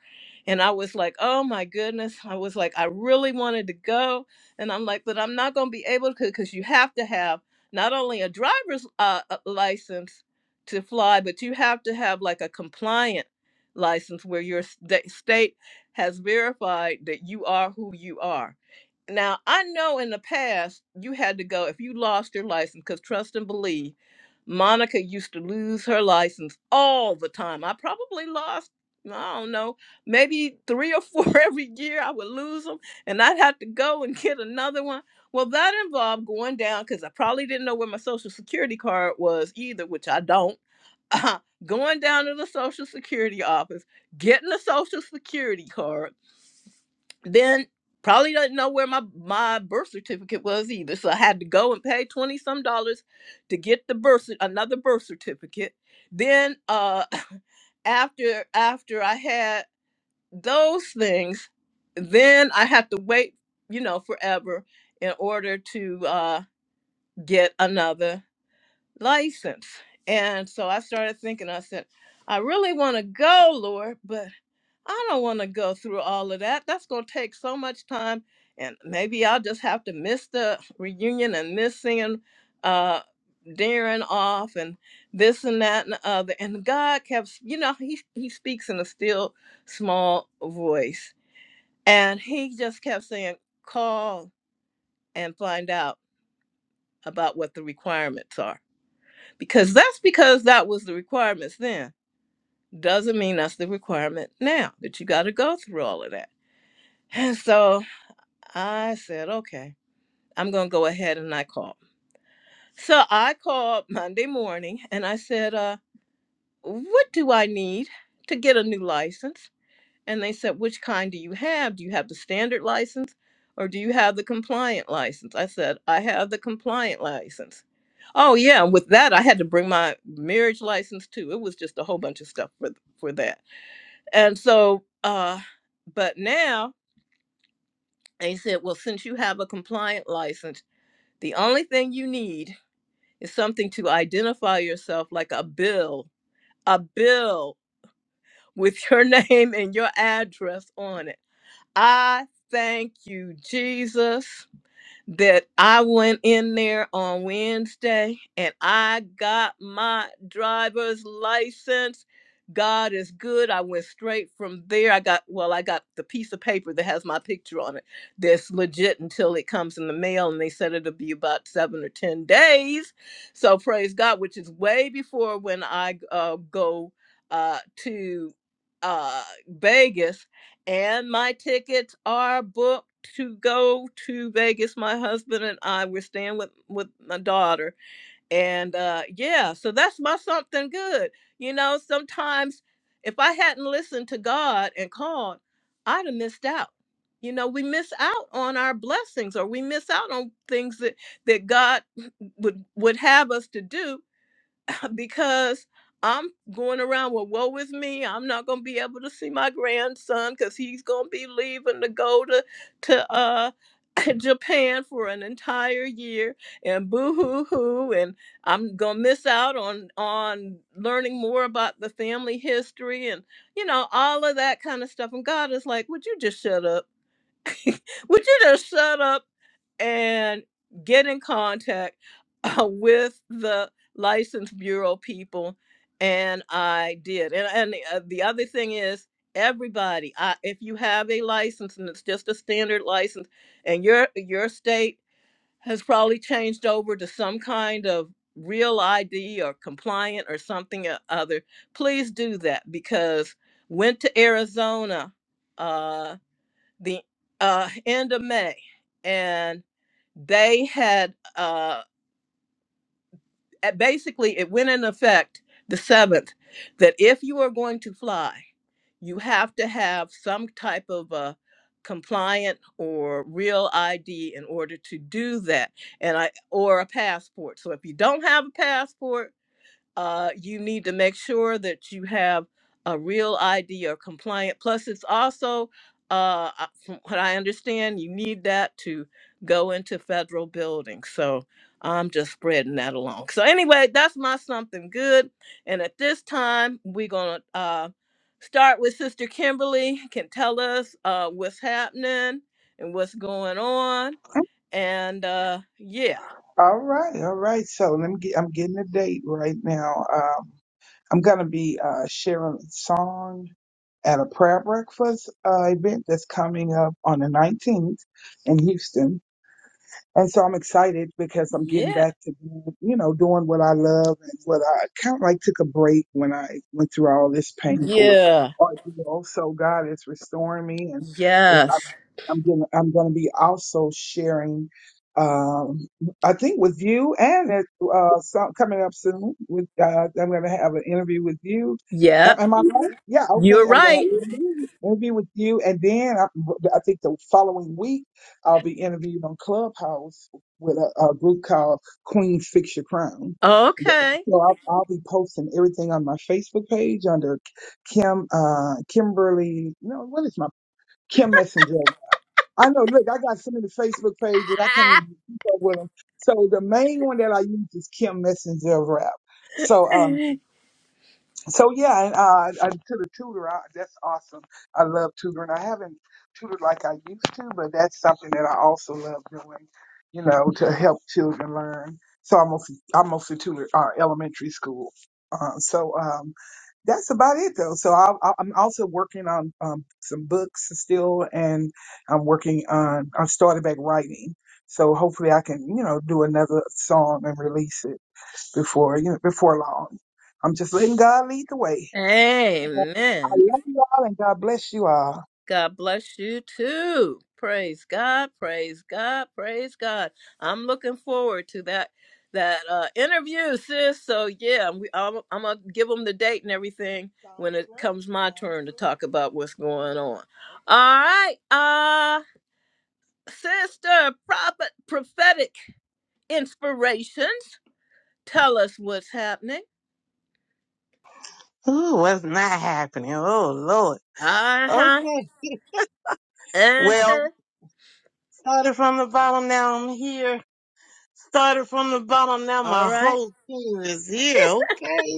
And I was like, oh my goodness. I was like, I really wanted to go. And I'm like, but I'm not going to be able to because you have to have not only a driver's uh, uh, license to fly, but you have to have like a compliant license where your sta- state has verified that you are who you are. Now, I know in the past you had to go if you lost your license, because trust and believe, Monica used to lose her license all the time. I probably lost, I don't know, maybe three or four every year. I would lose them and I'd have to go and get another one. Well, that involved going down because I probably didn't know where my social security card was either, which I don't. going down to the social security office, getting a social security card then probably doesn't know where my my birth certificate was either. So I had to go and pay twenty some dollars to get the birth cer- another birth certificate. Then uh after after I had those things, then I had to wait, you know, forever in order to uh, get another license. And so I started thinking. I said, I really want to go, Lord, but I don't want to go through all of that. That's going to take so much time. And maybe I'll just have to miss the reunion and miss seeing uh, Darren off and this and that and the other. And God kept, you know, he, he speaks in a still small voice. And he just kept saying, call and find out about what the requirements are. Because that's because that was the requirements then. Doesn't mean that's the requirement now that you got to go through all of that. And so I said, okay, I'm going to go ahead and I called. So I called Monday morning and I said, uh, what do I need to get a new license? And they said, which kind do you have? Do you have the standard license or do you have the compliant license? I said, I have the compliant license. Oh yeah, and with that I had to bring my marriage license too. It was just a whole bunch of stuff for for that. And so uh but now they said, well, since you have a compliant license, The only thing you need is something to identify yourself like a bill, a bill with your name and your address on it. I thank you, Jesus that I went in there on Wednesday and I got my driver's license. God is good. I went straight from there. I got, well, I got the piece of paper that has my picture on it that's legit until it comes in the mail. And they said it'll be about seven or 10 days. So praise God, which is way before when I uh, go uh, to uh, Vegas and my tickets are booked to go to Vegas. My husband and I we're staying with with my daughter. And uh yeah, so that's my something good. You know, sometimes if I hadn't listened to God and called, I'd have missed out. You know, we miss out on our blessings or we miss out on things that that God would would have us to do because I'm going around with woe is me. I'm not gonna be able to see my grandson because he's gonna be leaving to go to to uh Japan for an entire year and boo hoo hoo and I'm gonna miss out on on learning more about the family history and you know all of that kind of stuff. And God is like, would you just shut up? Would you just shut up and get in contact uh, with the license bureau people? And I did. And, and the, uh, the other thing is, everybody, I, if you have a license and it's just a standard license, and your your state has probably changed over to some kind of real ID or compliant or something or other, please do that because went to Arizona. Uh, the uh, end of May, and they had uh, at- basically it went in effect the seventh that if you are going to fly, you have to have some type of a compliant or real ID in order to do that, and I or a passport. So if you don't have a passport uh, you need to make sure that you have a real ID or compliant. Plus, it's also, uh, I- from what I understand, you need that to go into federal buildings. So I'm just spreading that along. So anyway, that's my something good. And at this time, we're gonna uh, start with Sister Kimberly. Can tell us uh, what's happening and what's going on. And uh, yeah,
All right. All right. So let me get. I'm getting a date right now. Um, I'm going to be uh, sharing a song at a prayer breakfast uh, event that's coming up on the 19th in Houston. And so I'm excited because I'm getting
yeah,
back to, you know, doing what I love and what I kind of like took a break when I went through all this painful
yeah,
ordeal. So God is restoring me and it's,
yes.
I'm, I'm going to I'm going to be also sharing, um, I think with you and it, uh, some, coming up soon with, uh, I'm going to have an interview with you. Am,
Yep,
am I right? Yeah. Okay.
you're
I'm going to have
right.
an interview with you. And then I, I think the following week, I'll be interviewed on Clubhouse with a, a group called Queens Fix Your Crown. The-
Okay.
So I'll, I'll be posting everything on my Facebook page under Kim uh, Kimberly. No, what is my Kim Messenger? I know. Look, I got so many Facebook pages I can't even keep up with them. So the main one that I use is Kim Messenger Rap. So. um, so yeah, and uh, and to the tutor, I, that's awesome. I love tutoring. I haven't tutored like I used to, but that's something that I also love doing. You know, to help children learn. So I mostly I mostly tutor uh, elementary school. Uh, so um, that's about it though. So I, I, I'm also working on um, some books still, and I'm working on. I started back writing, so hopefully I can you know do another song and release it before you know, before long. I'm just letting God lead the way. I
Amen.
love you all and God bless you all.
God bless you too. Praise God. Praise God. Praise God. I'm looking forward to that that uh, interview, sis. So yeah, we, I'm, I'm gonna give them the date and everything when
Sounds
it
great.
comes my
Sounds
turn to
great.
talk about what's going on. All
Okay.
right, uh, sister, prophet, prophetic inspirations. Tell us what's happening.
Ooh, what's not happening? Oh Lord.
Uh huh.
Okay. Well,
Uh-huh.
started from the bottom. Now I'm here. Started from the bottom. Now
All
my
right.
whole team is here. Okay.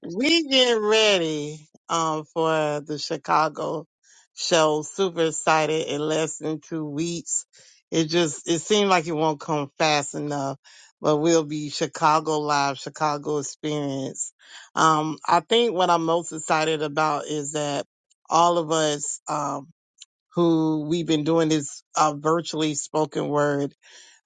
We getting ready um for the Chicago show. Super excited in less than two weeks. It just it seemed like it won't come fast enough, but we'll be Chicago live, Chicago experience. Um, I think what I'm most excited about is that all of us Um, who we've been doing this uh, virtually spoken word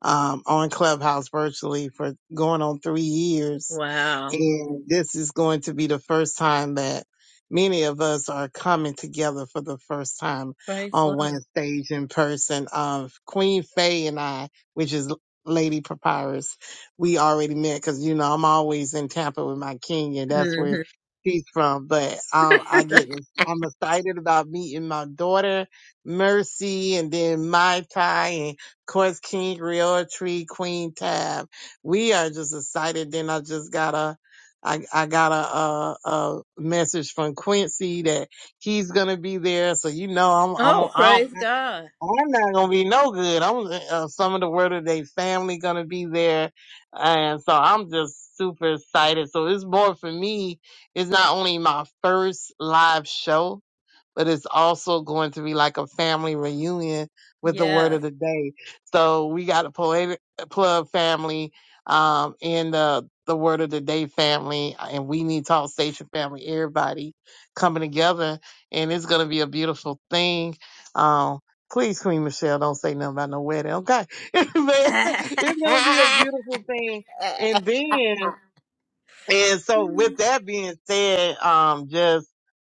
um, on Clubhouse virtually for going on three years.
Wow.
And this is going to be the first time that many of us are coming together for the first time
Praise
on one
Lord.
stage in person. Of Queen Faye and I, which is Lady Papyrus, we already met because, you know, I'm always in Tampa with my Kenya. that's where
hmm
she's from. But um, I get, I'm excited about meeting my daughter Mercy, and then Mai Tai, and of course King Tree, Queen Tab. We are just excited. Then I just got a, I, I got a, a, a message from Quincy that he's gonna be there. So you know, I'm, I'm,
Oh,
I'm,
praise God.
I'm not gonna be no good. I'm uh, some of the word of the day family gonna be there, and so I'm just super excited. So it's more for me. It's not only my first live show but it's also going to be like a family reunion with the word
Yes.
of the day. So we got a poetic club family um in the the word of the day family and we need talk station family, everybody coming together and it's gonna be a beautiful thing. Um Please, Queen Michelle, don't say nothing about no wedding, okay? but it's gonna be a beautiful thing. And then and so with that being said, um, just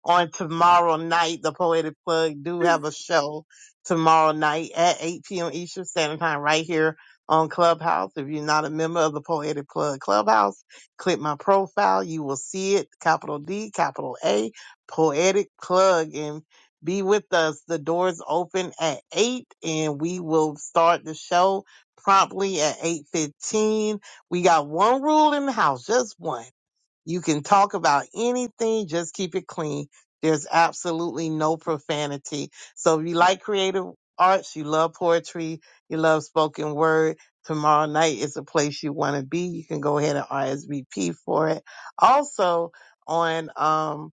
on tomorrow night, the Poetic Plug do have a show tomorrow night at 8 p.m. Eastern Standard Time right here on Clubhouse. If you're not a member of the Poetic Plug Clubhouse, click my profile. You will see it. Capital D, capital A, Poetic Plug and be with us. The doors open at 8 and we will start the show promptly at 8.15 we got one rule in the house, just one. You can talk about anything, just keep it clean. There's absolutely no profanity. So if you like creative arts, you love poetry, you love spoken word, tomorrow night is a place you want to be. You can go ahead and RSVP for it. Also on um,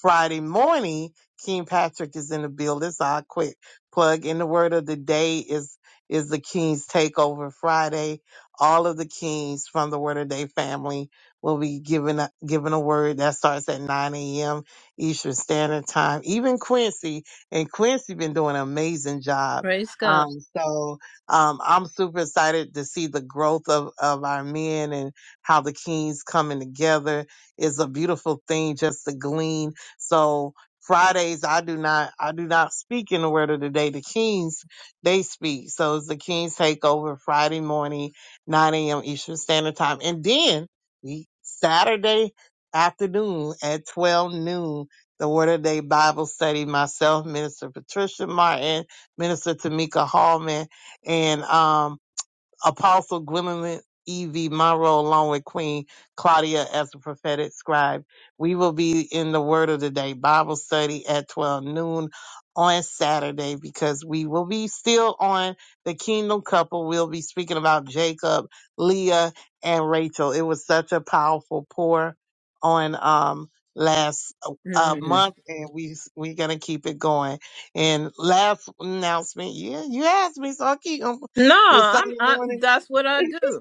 Friday morning, King Patrick is in the building. So I'll quick plug in the word of the day is is the King's Takeover Friday. All of the Kings from the Word of Day family We'll be giving a, giving a word that starts at 9 a.m. Eastern Standard Time. Even Quincy and Quincy been doing an amazing job.
Praise God.
Um, so um, I'm super excited to see the growth of, of our men and how the kings coming together is a beautiful thing just to glean. So Fridays I do not I do not speak in the word of the day. The kings they speak. So it's the kings takeover Friday morning, 9 a.m. Eastern Standard Time. And then we Saturday afternoon at 12 noon, the Word of Day Bible study. Myself, Minister Patricia Martin, Minister Tamika Hallman, and um Apostle Gwendolyn E.V. Monroe, along with Queen Claudia as the prophetic scribe. We will be in the Word of the Day Bible study at 12 noon on Saturday because we will be still on the Kingdom Couple. We'll be speaking about Jacob, Leah, and Rachel. It was such a powerful pour on um last uh,
hmm
month and we we're gonna keep it going and last announcement yeah you asked me so i keep on
No,
the
I'm.
sunday
I,
morning
that's what I do.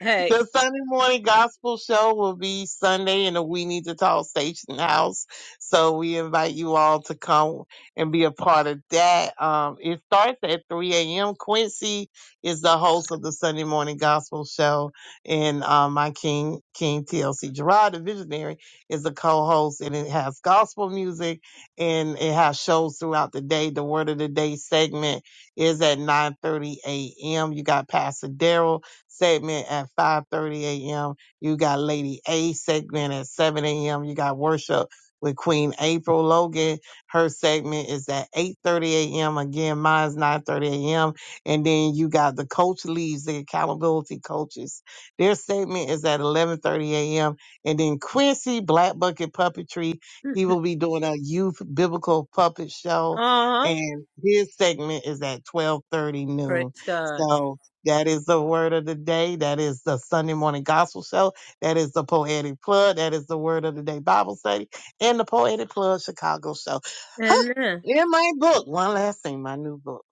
Hey.
the Sunday morning gospel show will be Sunday in the We Need to Talk Station House. So we invite you all to come and be a part of that. Um, it starts at 3 a.m. Quincy is the host of the Sunday morning gospel show, and um, my king, King TLC Gerard, the visionary, is the co-host, and it has gospel music and it has shows throughout the day. The Word of the Day segment is at 9:30 a.m. You got Pastor Daryl segment at 5.30 a.m. You got Lady A segment at 7 a.m. You got worship with Queen April Logan. Her segment is at 8.30 a.m. Again, mine's 9.30 a.m. And then you got the coach leaves, the accountability coaches. Their segment is at 11.30 a.m. And then Quincy Black Bucket Puppetry,
Uh
he will be doing a youth biblical puppet show
huh.
and his segment is at 12.30 noon.
Praise God.
So that is the word of the day. That is the Sunday morning gospel show. That is the poetic plug. That is the word of the day Bible study and the poetic plug Chicago show.
Amen.
In my book, one last thing, my new book.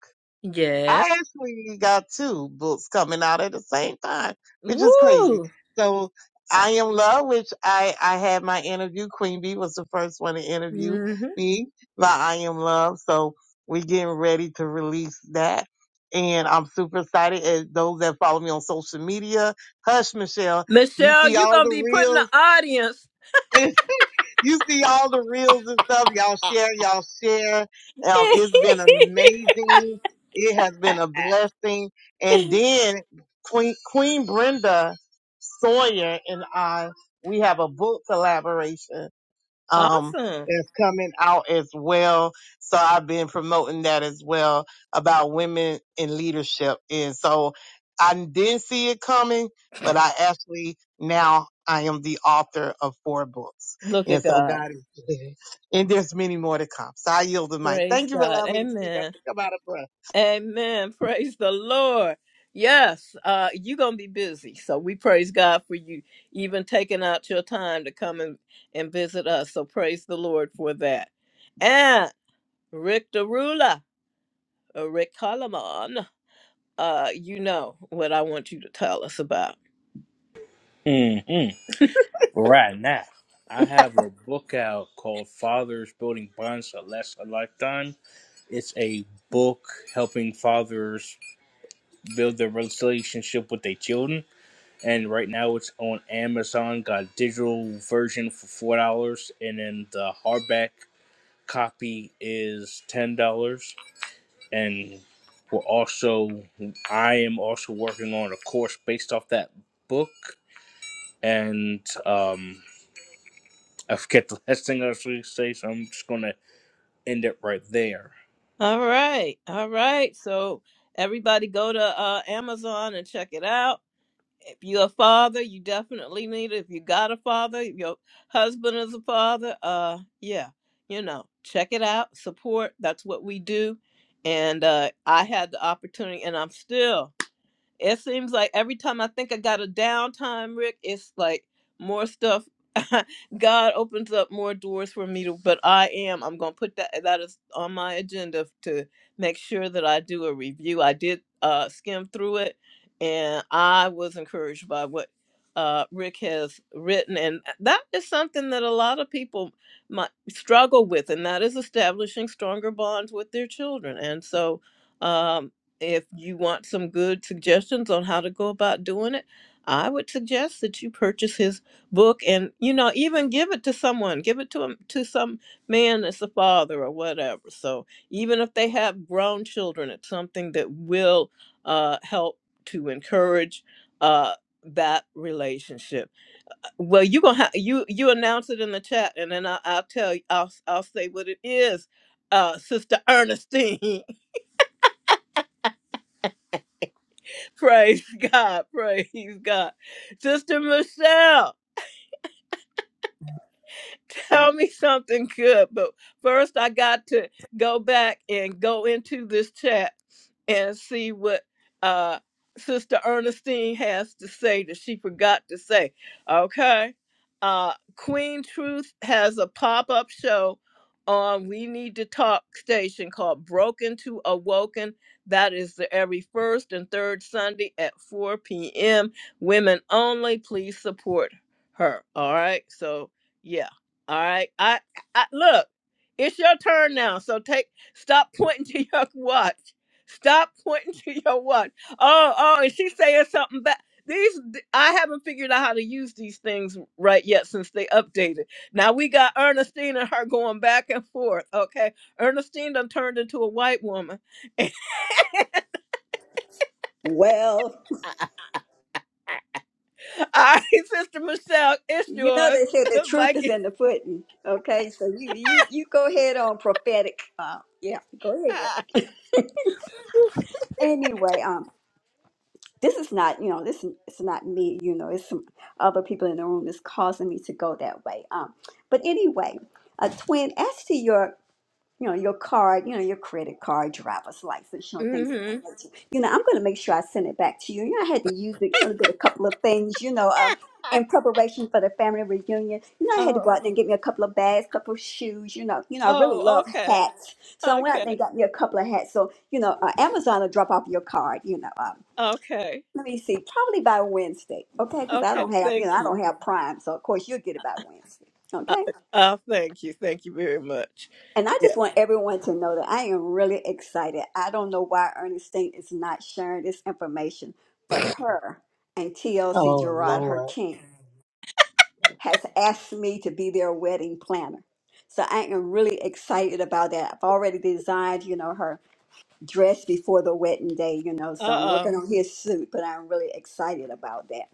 Yeah.
I actually got two books coming out at the same time, which is crazy.
Woo.
So I am love, which I I had my interview. Queen Bee was the first one to interview
hmm
me by I am love. So we're getting ready to release that. And I'm super excited. As those that follow me on social media, hush Michelle, you
Michelle,
see
you're
all
gonna
the
be put in the
reels.
audience.
you see all the reels and stuff. Y'all share, y'all share. Um, it's been amazing. It has been a blessing. And then Queen Queen Brenda Sawyer and I, we have a book collaboration um,
awesome.
that's coming out as well. So I've been promoting that as well about women in leadership. And so I didn't see it coming, but I actually now I am the author of four books.
Look at
And so
God.
God is good. And there's many more to come. So I yield the mic.
Praise
Thank you for
God.
allowing me to speak. I
Amen.
think I'm out of breath.
Amen. Praise the Lord. Yes, uh, you're gonna be busy. So we praise God for you even taking out your time to come and, and visit us. So praise the Lord for that. And Rick Derula, uh, Rick Coleman, uh, you know what I want you to tell us about.
hmm Right now, I have a book out called Fathers Building Bonds That Last a Lifetime. It's a book helping fathers build their relationship with their children and right now it's on Amazon. Got a digital version for four dollars, and then the hardback copy is ten dollars. And we're also, I am also working on a course based off that book, and um, I forget the last thing I was going to say, so I'm just gonna end it right there.
All right, all right. So everybody go to uh, Amazon and check it out if you're a father, you definitely need it. If you got a father, if your husband is a father, uh, yeah, you know, check it out, support. That's what we do. And uh, I had the opportunity, and I'm still it seems like every time I think I got a downtime, Rick, it's like more stuff. God opens up more doors for me to, but I am, I'm going to put that, that is on my agenda to make sure that I do a review. I did uh, skim through it and I was encouraged by what uh, Rick has written. And that is something that a lot of people might struggle with, and that is establishing stronger bonds with their children. And so, um, if you want some good suggestions on how to go about doing it, I would suggest that you purchase his book and you know even give it to someone, give it to him to some man that's a father or whatever. So even if they have grown children, it's something that will uh, help to encourage uh, that relationship. Well, you gonna ha- you you announce it in the chat, and then I, I'll tell you. I'll I'll say what it is, uh, Sister Ernestine. Praise God. Praise God. Sister Michelle, tell me something good. But first, I got to go back and go into this chat and see what uh, Sister Ernestine has to say that she forgot to say. Okay. Uh, Queen Truth has a pop up show on We Need to Talk station called Broken to Awoken. That is the every first and third Sunday at 4 p.m. Women only. Please support her. All right. So, yeah. All right. I, I look, it's your turn now. So take stop pointing to your watch Stop pointing to your watch. Oh, oh, and she's saying something back. These I haven't figured out how to use these things right yet since they updated. Now we got Ernestine and her going back and forth. Okay, Ernestine done turned into a white woman. All
Well,
right, Sister Michelle, it's
you know
yours,
they say the truth is
Mikey.
in the pudding. Okay, so you you you go ahead on prophetic. Uh, yeah, go ahead. Anyway, um, this is not you know this is it's not me. You know, it's some other people in the room is causing me to go that way. Um, but anyway, uh, twin, as to your you know, your card, you know, your credit card, driver's license, you know, things of that
mm-hmm.
nature. You know, I'm going to make sure I send it back to you. You know, I had to use it, you know, to get a couple of things, you know, um, in preparation for the family reunion. You know, I had to go
Oh,
out there and get me a couple of bags, couple of shoes, you know. You know, I really
oh,
love
okay,
hats. So I went out
okay,
there and got me a couple of hats. So, you know, uh, Amazon will drop off your card, you know. Um,
okay,
let me see, probably by Wednesday, okay? Because I
okay.
don't have, you know,
Thank
I
you.
don't have Prime. So, of course, you'll get it by Wednesday,
Uh,
okay?
uh, thank you, thank you very much.
And I just
Yeah.
want everyone to know that I am really excited. I don't know why Ernestine is not sharing this information, but her and TLC
Oh
Gerard, her
Lord.
king, has asked me to be their wedding planner. So I am really excited about that. I've already designed, you know, her dress before the wedding day, you know, so
Uh
I'm
oh.
working on his suit, but I'm really excited about that.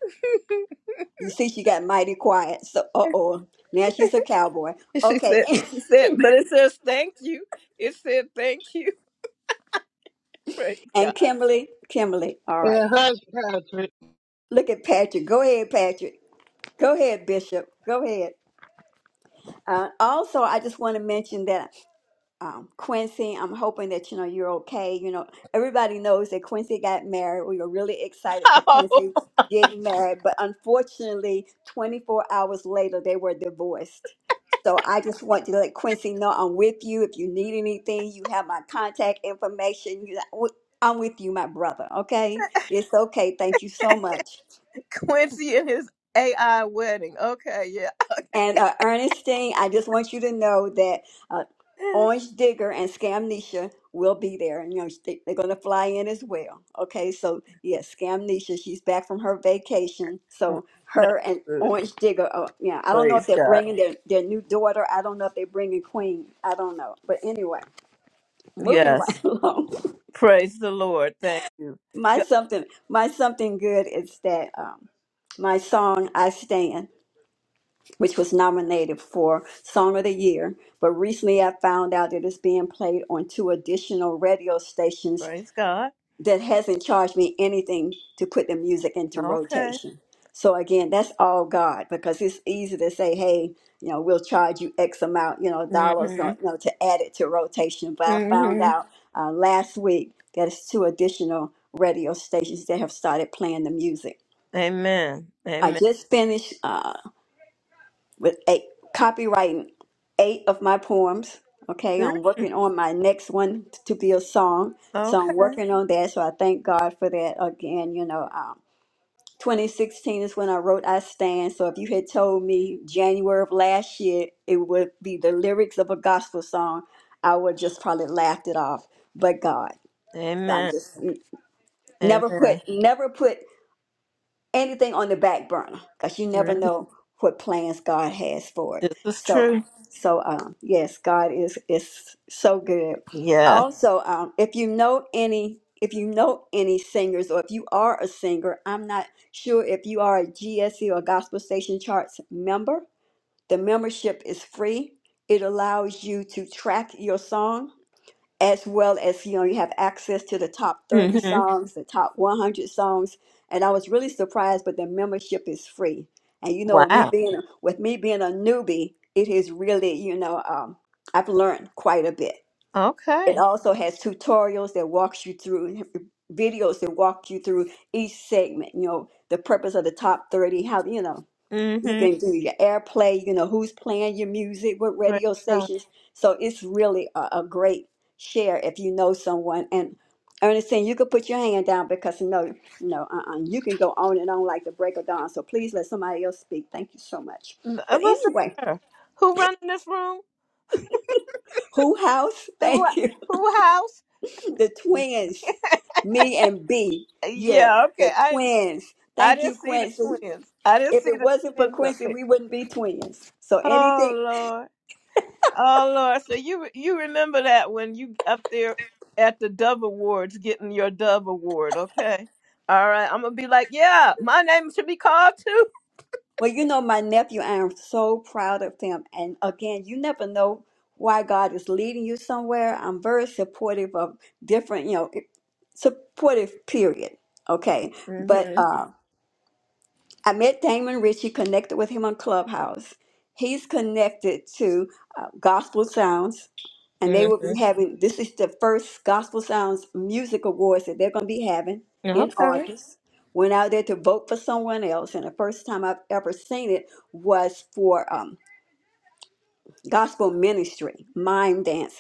You see, she got mighty quiet. So, uh oh, now she's a cowboy.
And she
Okay.
said, she said, but it says thank you. It said thank you. Praise God.
and Kimberly, Kimberly, all right.
Yeah, hush, Patrick.
Look at Patrick. Go ahead, Patrick. Go ahead, Bishop. Go ahead. Uh, also, I just want to mention that um, Quincy. I'm hoping that you know you're okay. You know, everybody knows that Quincy got married. We were really excited for
Oh,
Quincy getting married, but unfortunately, 24 hours later, they were divorced. So I just want to let Quincy know I'm with you. If you need anything, you have my contact information. You- I'm with you, my brother. Okay, it's okay. Thank you so much.
Quincy and his AI wedding. Okay, yeah.
And uh, Ernestine, I just want you to know that uh, Orange Digger and Scamnesia will be there, and you know they, they're going to fly in as well. Okay, so yes, Scamnesia, she's back from her vacation,
Mm,
so
That's
her and
good.
Orange Digger. Uh, yeah, I don't know if
Praise
they're
God.
bringing their their new daughter. I don't know if they're bringing Queen. I don't know, but anyway, moving
Yes.
right along.
Praise the Lord. Thank you.
My
Yep.
something, my something good is that um, my song "I Stand." which was nominated for Song of the Year, but recently I found out that it's being played on two additional radio stations
Praise God.
that hasn't charged me anything to put the music into
Okay.
rotation. So again, that's all God because it's easy to say, hey, you know, we'll charge you X amount, you know, dollars, you
Mm-hmm.
know, to add it to rotation. But I found
Mm-hmm.
out uh, last week that it's two additional radio stations that have started playing the music.
Amen.
I
Amen.
just finished. Uh, with eight, copywriting eight of my poems. Okay, I'm
Mhm.
working on my next one to be a song. So
Okay.
I'm working on that. So I thank God for that again. You know, um, 2016 is when I wrote I Stand. So if you had told me January of last year it would be the lyrics of a gospel song, I would just probably laughed it off. But God, so I'm
Amen.
just never put
Amen.
never put anything on the back burner because you
hmm
never know what plans God has for it.
This is
So,
true.
so um, yes, God is is so good.
Yeah.
Also, um, if you know any, if you know any singers, or if you are a singer, I'm not sure if you are a GSE or Gospel Station Charts member. The membership is free. It allows you to track your song as well as you know you have access to the top 30
Mm-hmm.
songs the top 100 songs and i was really surprised but the membership is free and you know with me
Wow.
being with me being a newbie it is really you know um, i've learned quite a bit it
Okay.
also has tutorials that walks you through videos that walk you through each segment you know the purpose of the top 30 how you know you
Mm-hmm.
can do your airplay, you know, who's playing your music, what
Praise
radio
God.
stations. So it's really a, a great share if you know someone. And Ernestine, you could put your hand down because no, no, uh-uh. You can go on and on like the break of dawn. So please let somebody else speak. Thank you so much.
N- uh,
But
What's the
anyway,
matter? Who running this room?
Who House,
Uh, Who,
thank you.
who house?
The twins, me and B.
Uh,
Yeah,
Yeah, okay.
the
I
twins.
I
Thank you,
didn't see the
Quincy.
twins. I didn't
If
see
it
the
wasn't for
twins up
Quincy,
there.
we wouldn't be twins. So
Oh
anything
Lord, oh Lord. So you re- you remember that when you up there at the Dove Awards getting your Dove Award? Okay. All right. I'm gonna be like, yeah, my name should be called too.
Well, you know, my nephew, I am so proud of him. And again, you never know why God is leading you somewhere. I'm very supportive of different, you know, supportive, period. Okay. But
Mhm.
uh, I met Damon Richie. connected with him on Clubhouse. He's connected to uh, Gospel Sounds, and they will be
Mhm.
having this is the first Gospel Sounds Music Awards that they're going to be having in
Okay.
August. Went out there to vote for someone else, and the first time I've ever seen it was for um, gospel ministry, mime dancing.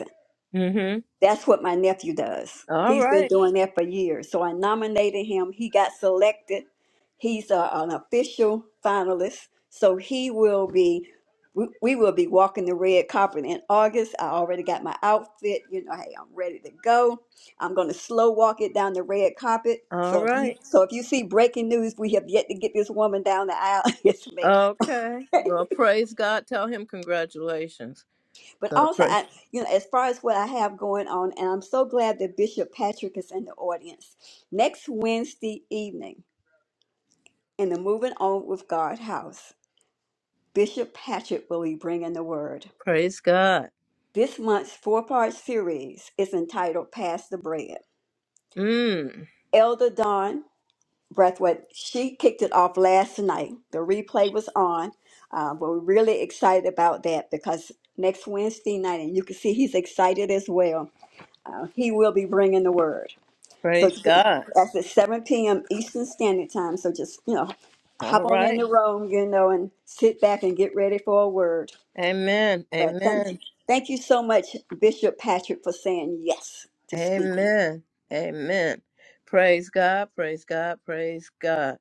Mhm.
That's what my nephew does.
All
He's been
right.
doing that for years. So I nominated him. He got selected. He's a, an official finalist. So he will be, we, we will be walking the red carpet in August. I already got my outfit. You know, hey, I'm ready to go. I'm going to slow walk it down the red carpet.
All
So if you,
right.
so if you see breaking news, we have yet to get this woman down the aisle. it's me.
Okay. Well, praise God. Tell him congratulations.
But
So
also,
praise
I, you know, as far as what I have going on, and I'm so glad that Bishop Patrick is in the audience. Next Wednesday evening in the Moving On with God house, Bishop Patrick will be bringing the word.
praise God.
This month's four part series is entitled Pass the Bread.
Mm.
Elder Dawn Breathwaite, she kicked it off last night. The replay was on. Uh, but we're really excited about that because next Wednesday night, and you can see he's excited as well, uh, he will be bringing the word. So
Praise
ju-
God.
that's at 7 p.m. Eastern Standard Time. So just, you know, hop
All
on in
right.
the room, you know, and sit back and get ready for a word.
Amen.
But thank
Amen.
you. Thank you so much, Bishop Patrick, for saying yes to speaking.
Amen. Amen. Praise God. Praise God. Praise God.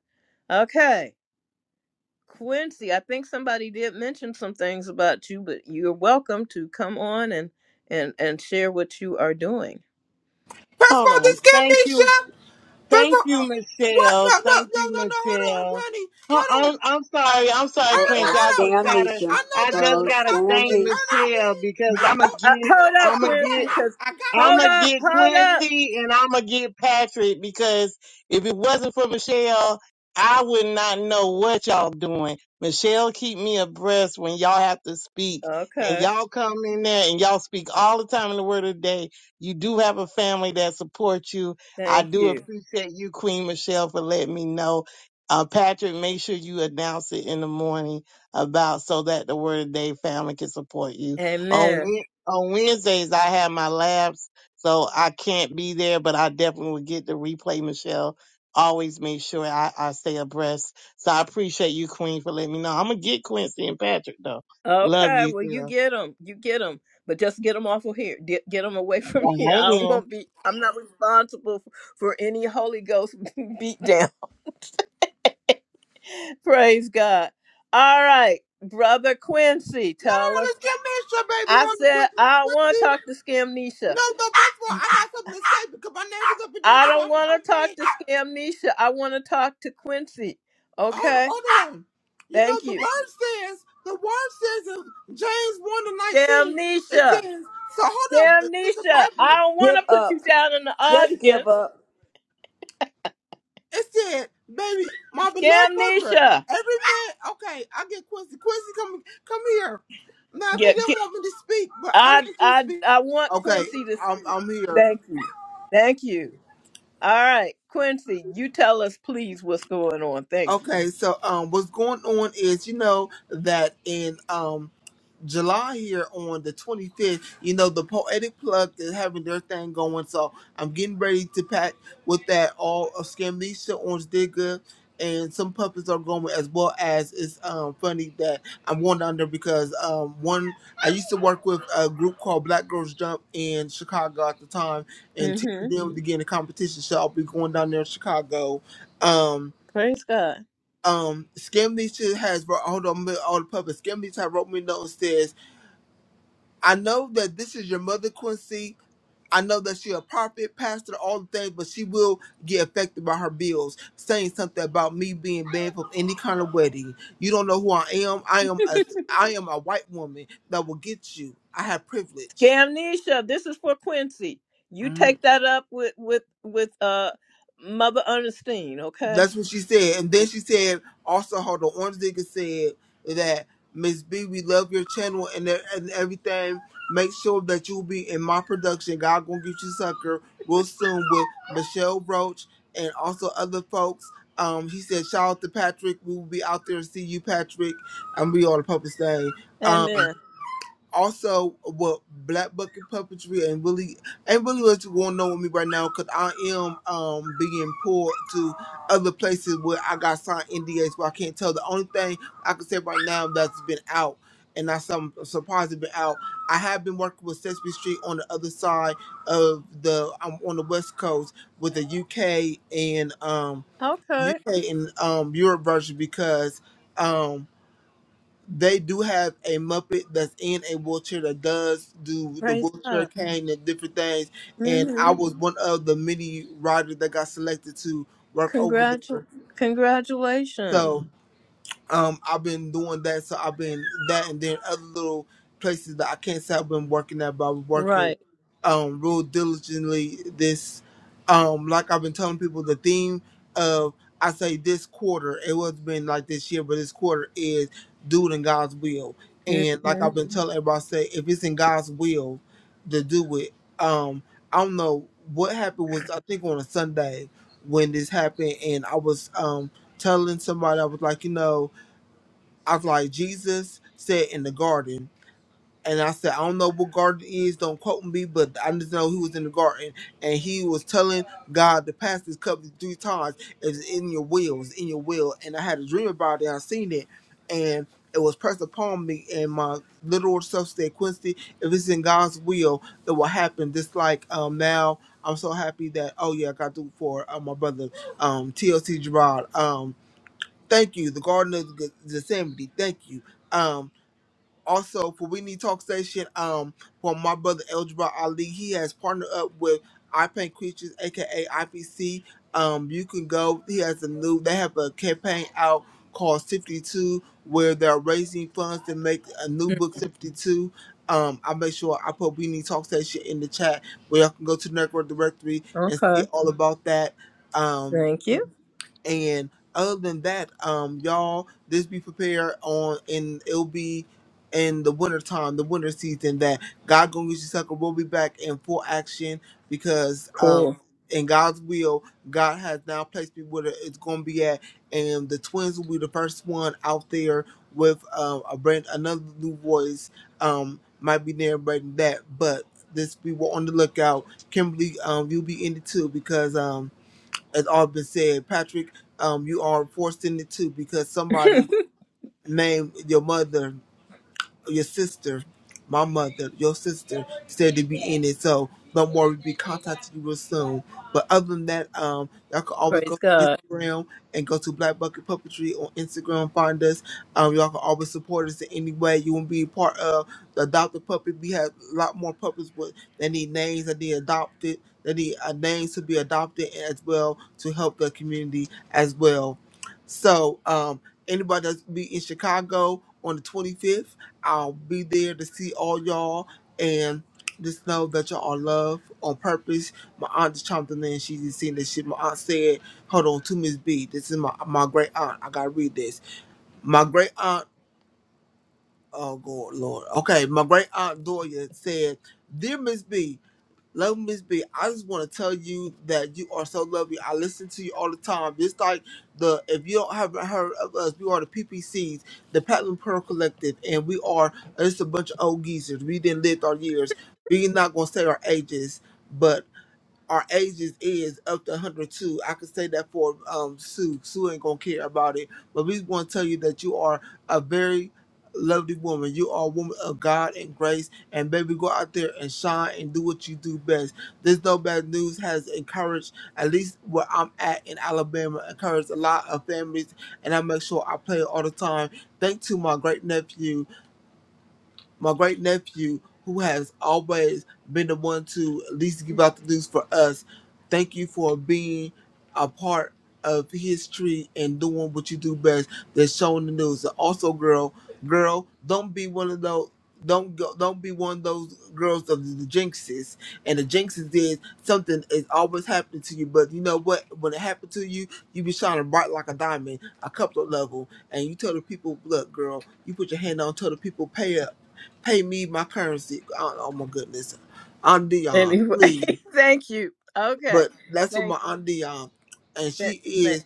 Okay. Quincy, I think somebody did mention some things about you, but you're welcome to come on and and and share what you are doing.
First of
Hold
all,
on.
just give me,
Thank you
Chef. First
Thank
of all,
you,
uh, what? No,
Michelle.
no,
Thank
no,
you,
no, no. Hold on,
Michelle.
honey.
Huh,
Hold on.
I'm, I'm sorry. I'm sorry,
Well,
Ernest,
oh,
Quincy. I
hold on.
just
Pro-
gotta,
I
scamnesia.
know
I
that you
just
Oh,
the
gotta thank
prophetess,
scamnesia.
Michelle
Ernestine.
because
And,
Well,
I'm
uh,
gonna
oh,
uh,
get,
what a
hold up,
I'm gonna
prophet way.
Quincy,
get
because
I got this.
hold
I'ma
up,
get
hold up.
Quincy and I'ma get Patrick because if it wasn't for Michelle, I would not know what y'all doing. Michelle keep me abreast when y'all have to speak and
Okay.
y'all come in there and y'all speak all the time in the word of the day. You do have a family that supports you. I
Thank
do
you.
appreciate you, Queen Michelle, for letting me know. Uh, Patrick, make sure you announce it in the morning about so that the word of the day family can support you. on
Amen.
Wednesday on Wednesdays I have my labs, so I can't be there, but I definitely will get the replay, Michelle. Always make sure I, I stay abreast. So I appreciate you, Queen, for letting me know. I'm gonna get Quincy and Patrick though. Love
Okay,
you,
well, you
girl.
get them, you get them, but just get them off of here. Get, get them away from here. I
I
don't
am.
want to be. I'm not responsible for, for any Holy Ghost beat down. Praise God. All right, brother Quincy,
No, no,
tell
no.
us.
Let's give me Chef, baby.
I
Hold on.
said
Quick.
I
Quick,
want to
see?
talk to Scamnesia.
No, no. First of all, I got something to say because my name is up in there.
I
So
don't
I'm,
want
I'm
to talk
bad.
to Scamnesia. I want to talk to Quincy.
Hold,
Okay,
hold on. You know,
thank
the
you.
word says, the word says in James 1 and 19, it
Scamnesia.
says, so hold up. This is the
Scamnesia.
Bible.
I don't want
Give
to put
up.
you down in the
Just give
audience.
up.
It said, baby, my beloved brother,
Gamnesia.
every man, okay, I get Quincy. Quincy, come come here. Now, they
Yeah,
do not
get,
want me to speak, but I'll
I
let you
I
speak.
I want
Okay,
Quincy to
I'm,
speak.
I'm here.
Thank you. Thank you. All right, Quincy, you tell us please what's going on. Thank you.
Okay, so um, what's going on is, you know, that in um. July here on the 25th. You know, the Poetic Plug is having their thing going, so I'm getting ready to pack with that all of Scamnesia, Orange Digger, and some puppets are going as well as it's um funny that I'm going down there because um one I used to work with a group called Black Girls Jump in Chicago at the time and
Mhm.
teaching them to get in a competition. So I'll be going down there in Chicago. Um
Praise God.
um Scamnesha has hold on all the puppets. Scamnesia wrote me a note and says I know that this is your mother, Quincy. I know that she a prophet, pastor, all the things, but she will get affected by her bills, saying something about me being banned from any kind of wedding. You don't know who I am. I am a I am a white woman that will get you. I have privilege.
Gamnesia, this is for Quincy. You take that up with with with uh Mother Ernestine, okay?
That's what she said. And then she said, also, hold on, Orange Digger said that, Miss B, we love your channel and, e- and everything. Make sure that you'll be in my production, God Gonna Get You Sucker, real soon with Michelle Roach and also other folks. Um, he said, shout out to Patrick. We will be out there to see you, Patrick. And we all the public thing
Amen.
also with black bucket puppetry and really and really what's going on with me right now because I am um being pulled to other places where I got signed NDAs where I can't tell. The only thing I can say right now that's been out and I some surprised it's been out. I have been working with Sesame Street on the other side of the I'm on the West Coast with the UK and um
Okay.
UK and um Europe version because um, they do have a Muppet that's in a wheelchair that does do the
Praise
wheelchair
God.
cane and different things.
mm
And
Mhm.
I was one of the many riders that got selected to work over
Congratu-
there.
congratulations.
So um, I've been doing that, so I've been that, and then other little places that I can't say I've been working at, but I've been working
Right.
um real diligently. This, um, like I've been telling people, the theme of I say this quarter, it was been like this year, but this quarter is doing God's will,
mm
and like
Mhm.
I've been telling everybody, I say if it's in God's will to do it, um, I don't know what happened was I think on a Sunday when this happened, and I was um telling somebody I was like, you know. I was like, Jesus said in the garden. And I said, I don't know what garden is. is, don't quote me, but I just know he was in the garden and he was telling God to pass this cup three times. It's in your will, it's in your will. And I had a dream about it, I seen it, and it was pressed upon me. And my little old self said, Quincy, if it's in God's will, it will happen. Just like um, now, I'm so happy that, oh yeah, I got through for uh, my brother, um, TLC Gerard. um, Thank you, the Garden of Ge- Gethsemane. Thank you. Um, also for We Need Talk Station, um, for my brother Eljabar Ali, he has partnered up with I Paint Creatures, aka IPC. Um, you can go. He has a new. They have a campaign out called Fifty Two, where they're raising funds to make a new book Fifty Two. Um, I make sure I put We Need Talk Station in the chat where y'all can go to the network directory and see
Okay.
all about that. Um,
Thank you.
and other than that, um, y'all, just be prepared on, and it'll be in the winter time, the winter season that God gonna use you sucker. We'll be back in full action because um,
Cool.
in God's will, God has now placed me where it's gonna be at, and the twins will be the first one out there with um, a brand another new voice. Um, might be narrating that, but this we were on the lookout. Kimberly, um, you'll be in it too because um has all been said. Patrick, um, you are forced into two because somebody named your mother your sister, my mother, your sister said to be in it. So don't worry, we'll be contacting you real soon. But other than that, um, y'all can always go
Praise
to
God.
Instagram and go to Black Bucket Puppetry on Instagram, find us. Um, y'all can always support us in any way you want to be a part of the adopted puppet. We have a lot more puppets but they need names that need adopted. They need uh, names to be adopted as well to help the community as well. So, um, anybody that's be in Chicago on the 25th. I'll be there to see all y'all and just know that y'all are loved on purpose. My aunt just chimed in and she just seen this shit. My aunt said, Hold on to Miss B. This is my my great aunt. I gotta read this. My great aunt oh God Lord. Okay, my great aunt Doya said, Dear Miss B, Love Miss B, I just want to tell you that you are so lovely. I listen to you all the time. Just like the if you don't haven't heard of us, we are the PPCs, the Platinum Pearl Collective, and we are just a bunch of old geezers. We didn't live our years. We're not gonna say our ages, but our ages is up to 102. I could say that for um, Sue. Sue ain't gonna care about it, but we want to tell you that you are a very lovely woman. You are a woman of God and grace, and baby, go out there and shine and do what you do best. This No Bad News has encouraged, at least where I'm at in Alabama, encouraged a lot of families, and I make sure I play it all the time. Thank to my great nephew my great nephew, who has always been the one to at least give out the news for us. Thank you for being a part of history and doing what you do best. That's showing the news. And also, girl, girl, don't be one of those. Don't go, don't be one of those girls of the jinxes. And the jinxes is something is always happening to you. But you know what? When it happened to you, you be shining bright like a diamond, a couple of level. And you tell the people, look, girl. You put your hand on tell the people, pay up, pay me my currency. Oh, oh my goodness, Aunt Dion,
Anyway,
please.
thank you. Okay.
But that's what
Thank
my
you.
Aunt Dion, and
Th-
she
th-
is.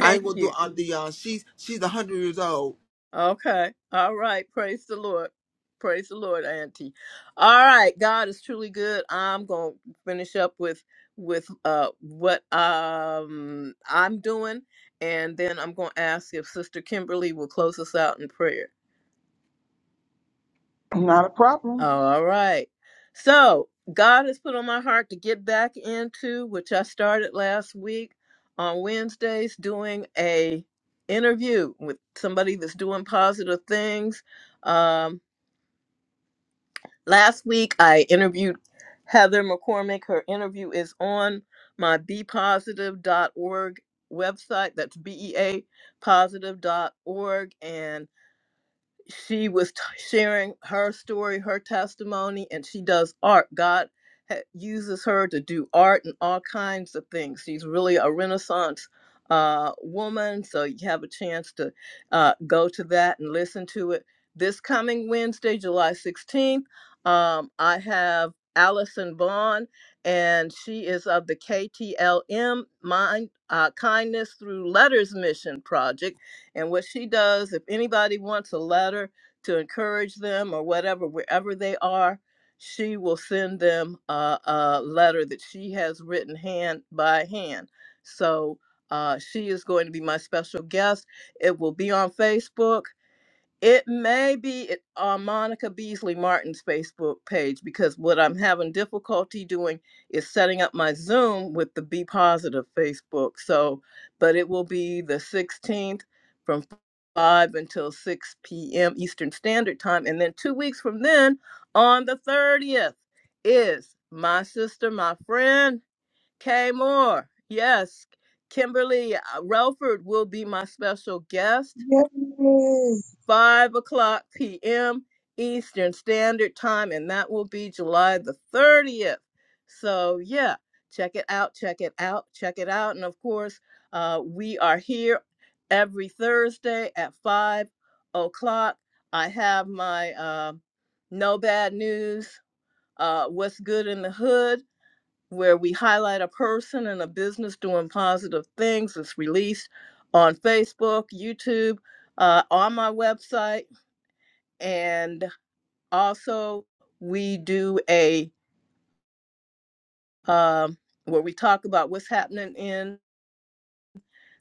I ain't gonna do
you.
Aunt Dion. She's she's a hundred years old.
Okay. All right. Praise the Lord. Praise the Lord, Auntie. All right. God is truly good. I'm going to finish up with with uh what um I'm doing and then I'm going to ask if Sister Kimberly will close us out in prayer.
Not a problem.
All right. So God has put on my heart to get back into which I started last week on Wednesdays doing a interview with somebody that's doing positive things. Um, last week I interviewed Heather McCormick. Her interview is on my bepositive dot org website. That's B E A positive dot positive.org she was t- sharing her story, her testimony, and she does art. God ha- uses her to do art and all kinds of things. She's really a Renaissance uh, woman, so you have a chance to uh, go to that and listen to it. This coming Wednesday, July 16th, um, I have Allison Vaughn, and she is of the KTLM Mind uh, Kindness Through Letters Mission Project and what she does, if anybody wants a letter to encourage them or whatever, wherever they are, she will send them a, a letter that she has written hand by hand. So uh, she is going to be my special guest. It will be on Facebook. It may be at, uh, Monica Beasley Martin's Facebook page because what I'm having difficulty doing is setting up my Zoom with the Be Positive Facebook. So, but it will be the 16th from 5 until 6 p.m. Eastern Standard Time. And then two weeks from then, on the 30th, is my sister, my friend, Kay Moore. Yes, Kimberly uh, Relford will be my special guest
Yes,
5 o'clock p.m. Eastern Standard Time, and that will be July the 30th. So, yeah, check it out, check it out, check it out. And of course, uh, we are here every Thursday at 5 o'clock. I have my uh, No Bad News, uh, What's Good in the Hood, where we highlight a person and a business doing positive things. It's released on Facebook, YouTube, uh, on my website and also we do a um, where we talk about what's happening in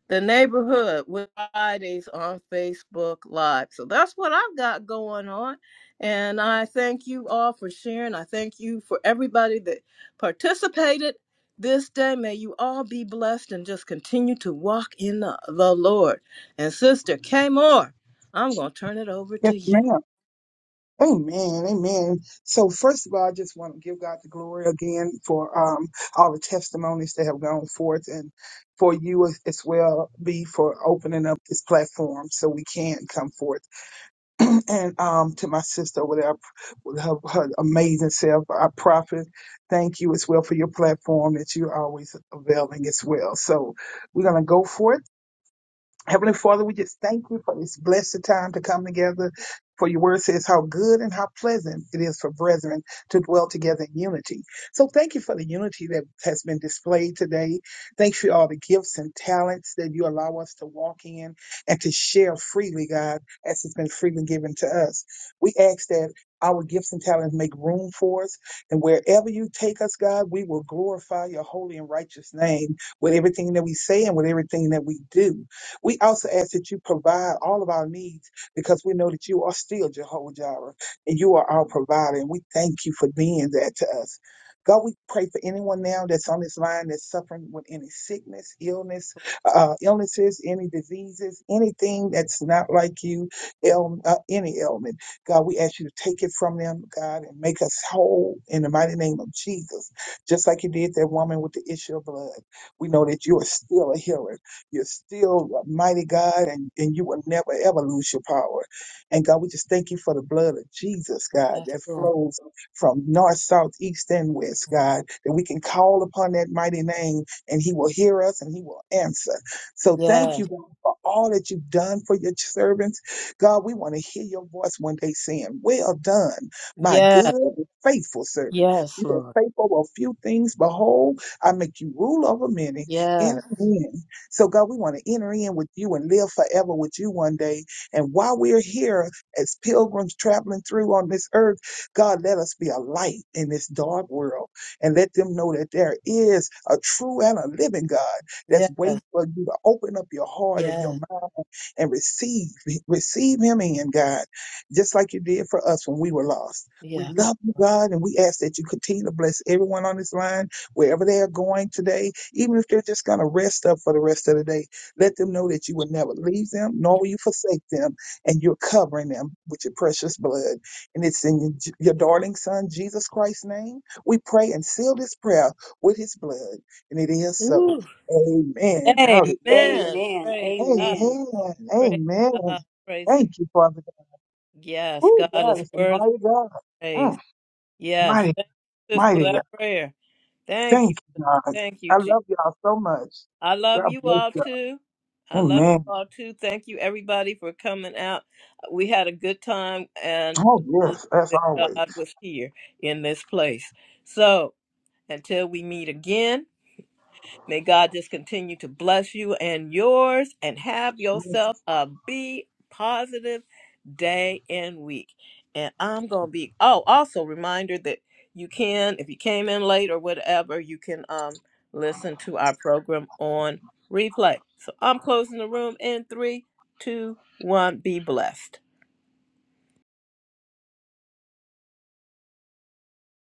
the neighborhood with Fridays on Facebook Live. So that's what I've got going on, and I thank you all for sharing. I thank you for everybody that participated this day. May you all be blessed and just continue to walk in the, the Lord. And Sister K Moore, I'm gonna turn it over
yes,
to you.
ma'am. Amen. Amen. So first of all, I just want to give God the glory again for um all the testimonies that have gone forth and for you as as well be for opening up this platform so we can come forth. and um, to my sister with her, with her, her amazing self, our prophet. Thank you as well for your platform that you're always availing as well. So we're gonna go forth. Heavenly Father, we just thank you for this blessed time to come together. For your word says how good and how pleasant it is for brethren to dwell together in unity. So thank you for the unity that has been displayed today. Thank you for all the gifts and talents that you allow us to walk in and to share freely, God, as it's been freely given to us. We ask that our gifts and talents make room for us. And wherever you take us, God, we will glorify your holy and righteous name with everything that we say and with everything that we do. We also ask that you provide all of our needs because we know that you are still Jehovah Jireh and you are our provider. And we thank you for being that to us. God, we pray for anyone now that's on this line that's suffering with any sickness, illness, uh, illnesses, any diseases, anything that's not like you, ail- uh, any ailment. God, we ask you to take it from them, God, and make us whole in the mighty name of Jesus, just like you did that woman with the issue of blood. We know that you are still a healer. You're still a mighty God, and, and you will never ever lose your power. And God, we just thank you for the blood of Jesus, God,
Yes,
that
Lord.
flows from north, south, east, and west, God, that we can call upon that mighty name and he will hear us and he will answer. So thank
Yes,
you, God, for all that you've done for your servants. God, we want to hear your voice one day saying, Well done, my good
yes,
and faithful servant.
yes,
You
Lord.
are faithful over a few things. Behold, I make you rule over many. And
Yes,
again. So, God, we want to enter in with you and live forever with you one day. And while we're here as pilgrims traveling through on this earth, God, let us be a light in this dark world and let them know that there is a true and a living God
yes,
that's waiting for you to open up your heart and your
yes,
mind and receive receive him in God, just like you did for us when we were lost. We
yes.
love you, God, and we ask that you continue to bless everyone on this line, wherever they are going today, even if they're just going to rest up for the rest of the day. Let them know that you will never leave them, nor will you forsake them, and you're covering them with your precious blood. And it's in your, your darling son, Jesus Christ's name. We pray and seal this prayer with his blood. And it is so.
Ooh,
Amen. Hallelujah.
amen.
Amen.
Praise God.
Amen.
Amen.
Praise
Amen.
God. Praise God.
Thank you, Father God.
Yes,
Oh,
God
God
is
is a
worthy.
mighty God.
Praise.
Mm,
Yes.
mighty,
Thank you, sis, for
mighty God.
that prayer. Thank you.
Thank you, God.
Thank you,
I
Jesus.
love y'all so much.
I love
God
you
bless
all
y'all.
too. I love you
Amen.
all too. Thank you, everybody, for coming out. We had a good time, and
Oh,
I believe
yes, as
that
always.
God was here in this place. So until we meet again. May God just continue to bless you and yours and have yourself a be positive day and week. And I'm going to be, oh, also reminder that you can, if you came in late or whatever, you can um, listen to our program on replay. So I'm closing the room in three, two, one. Be blessed.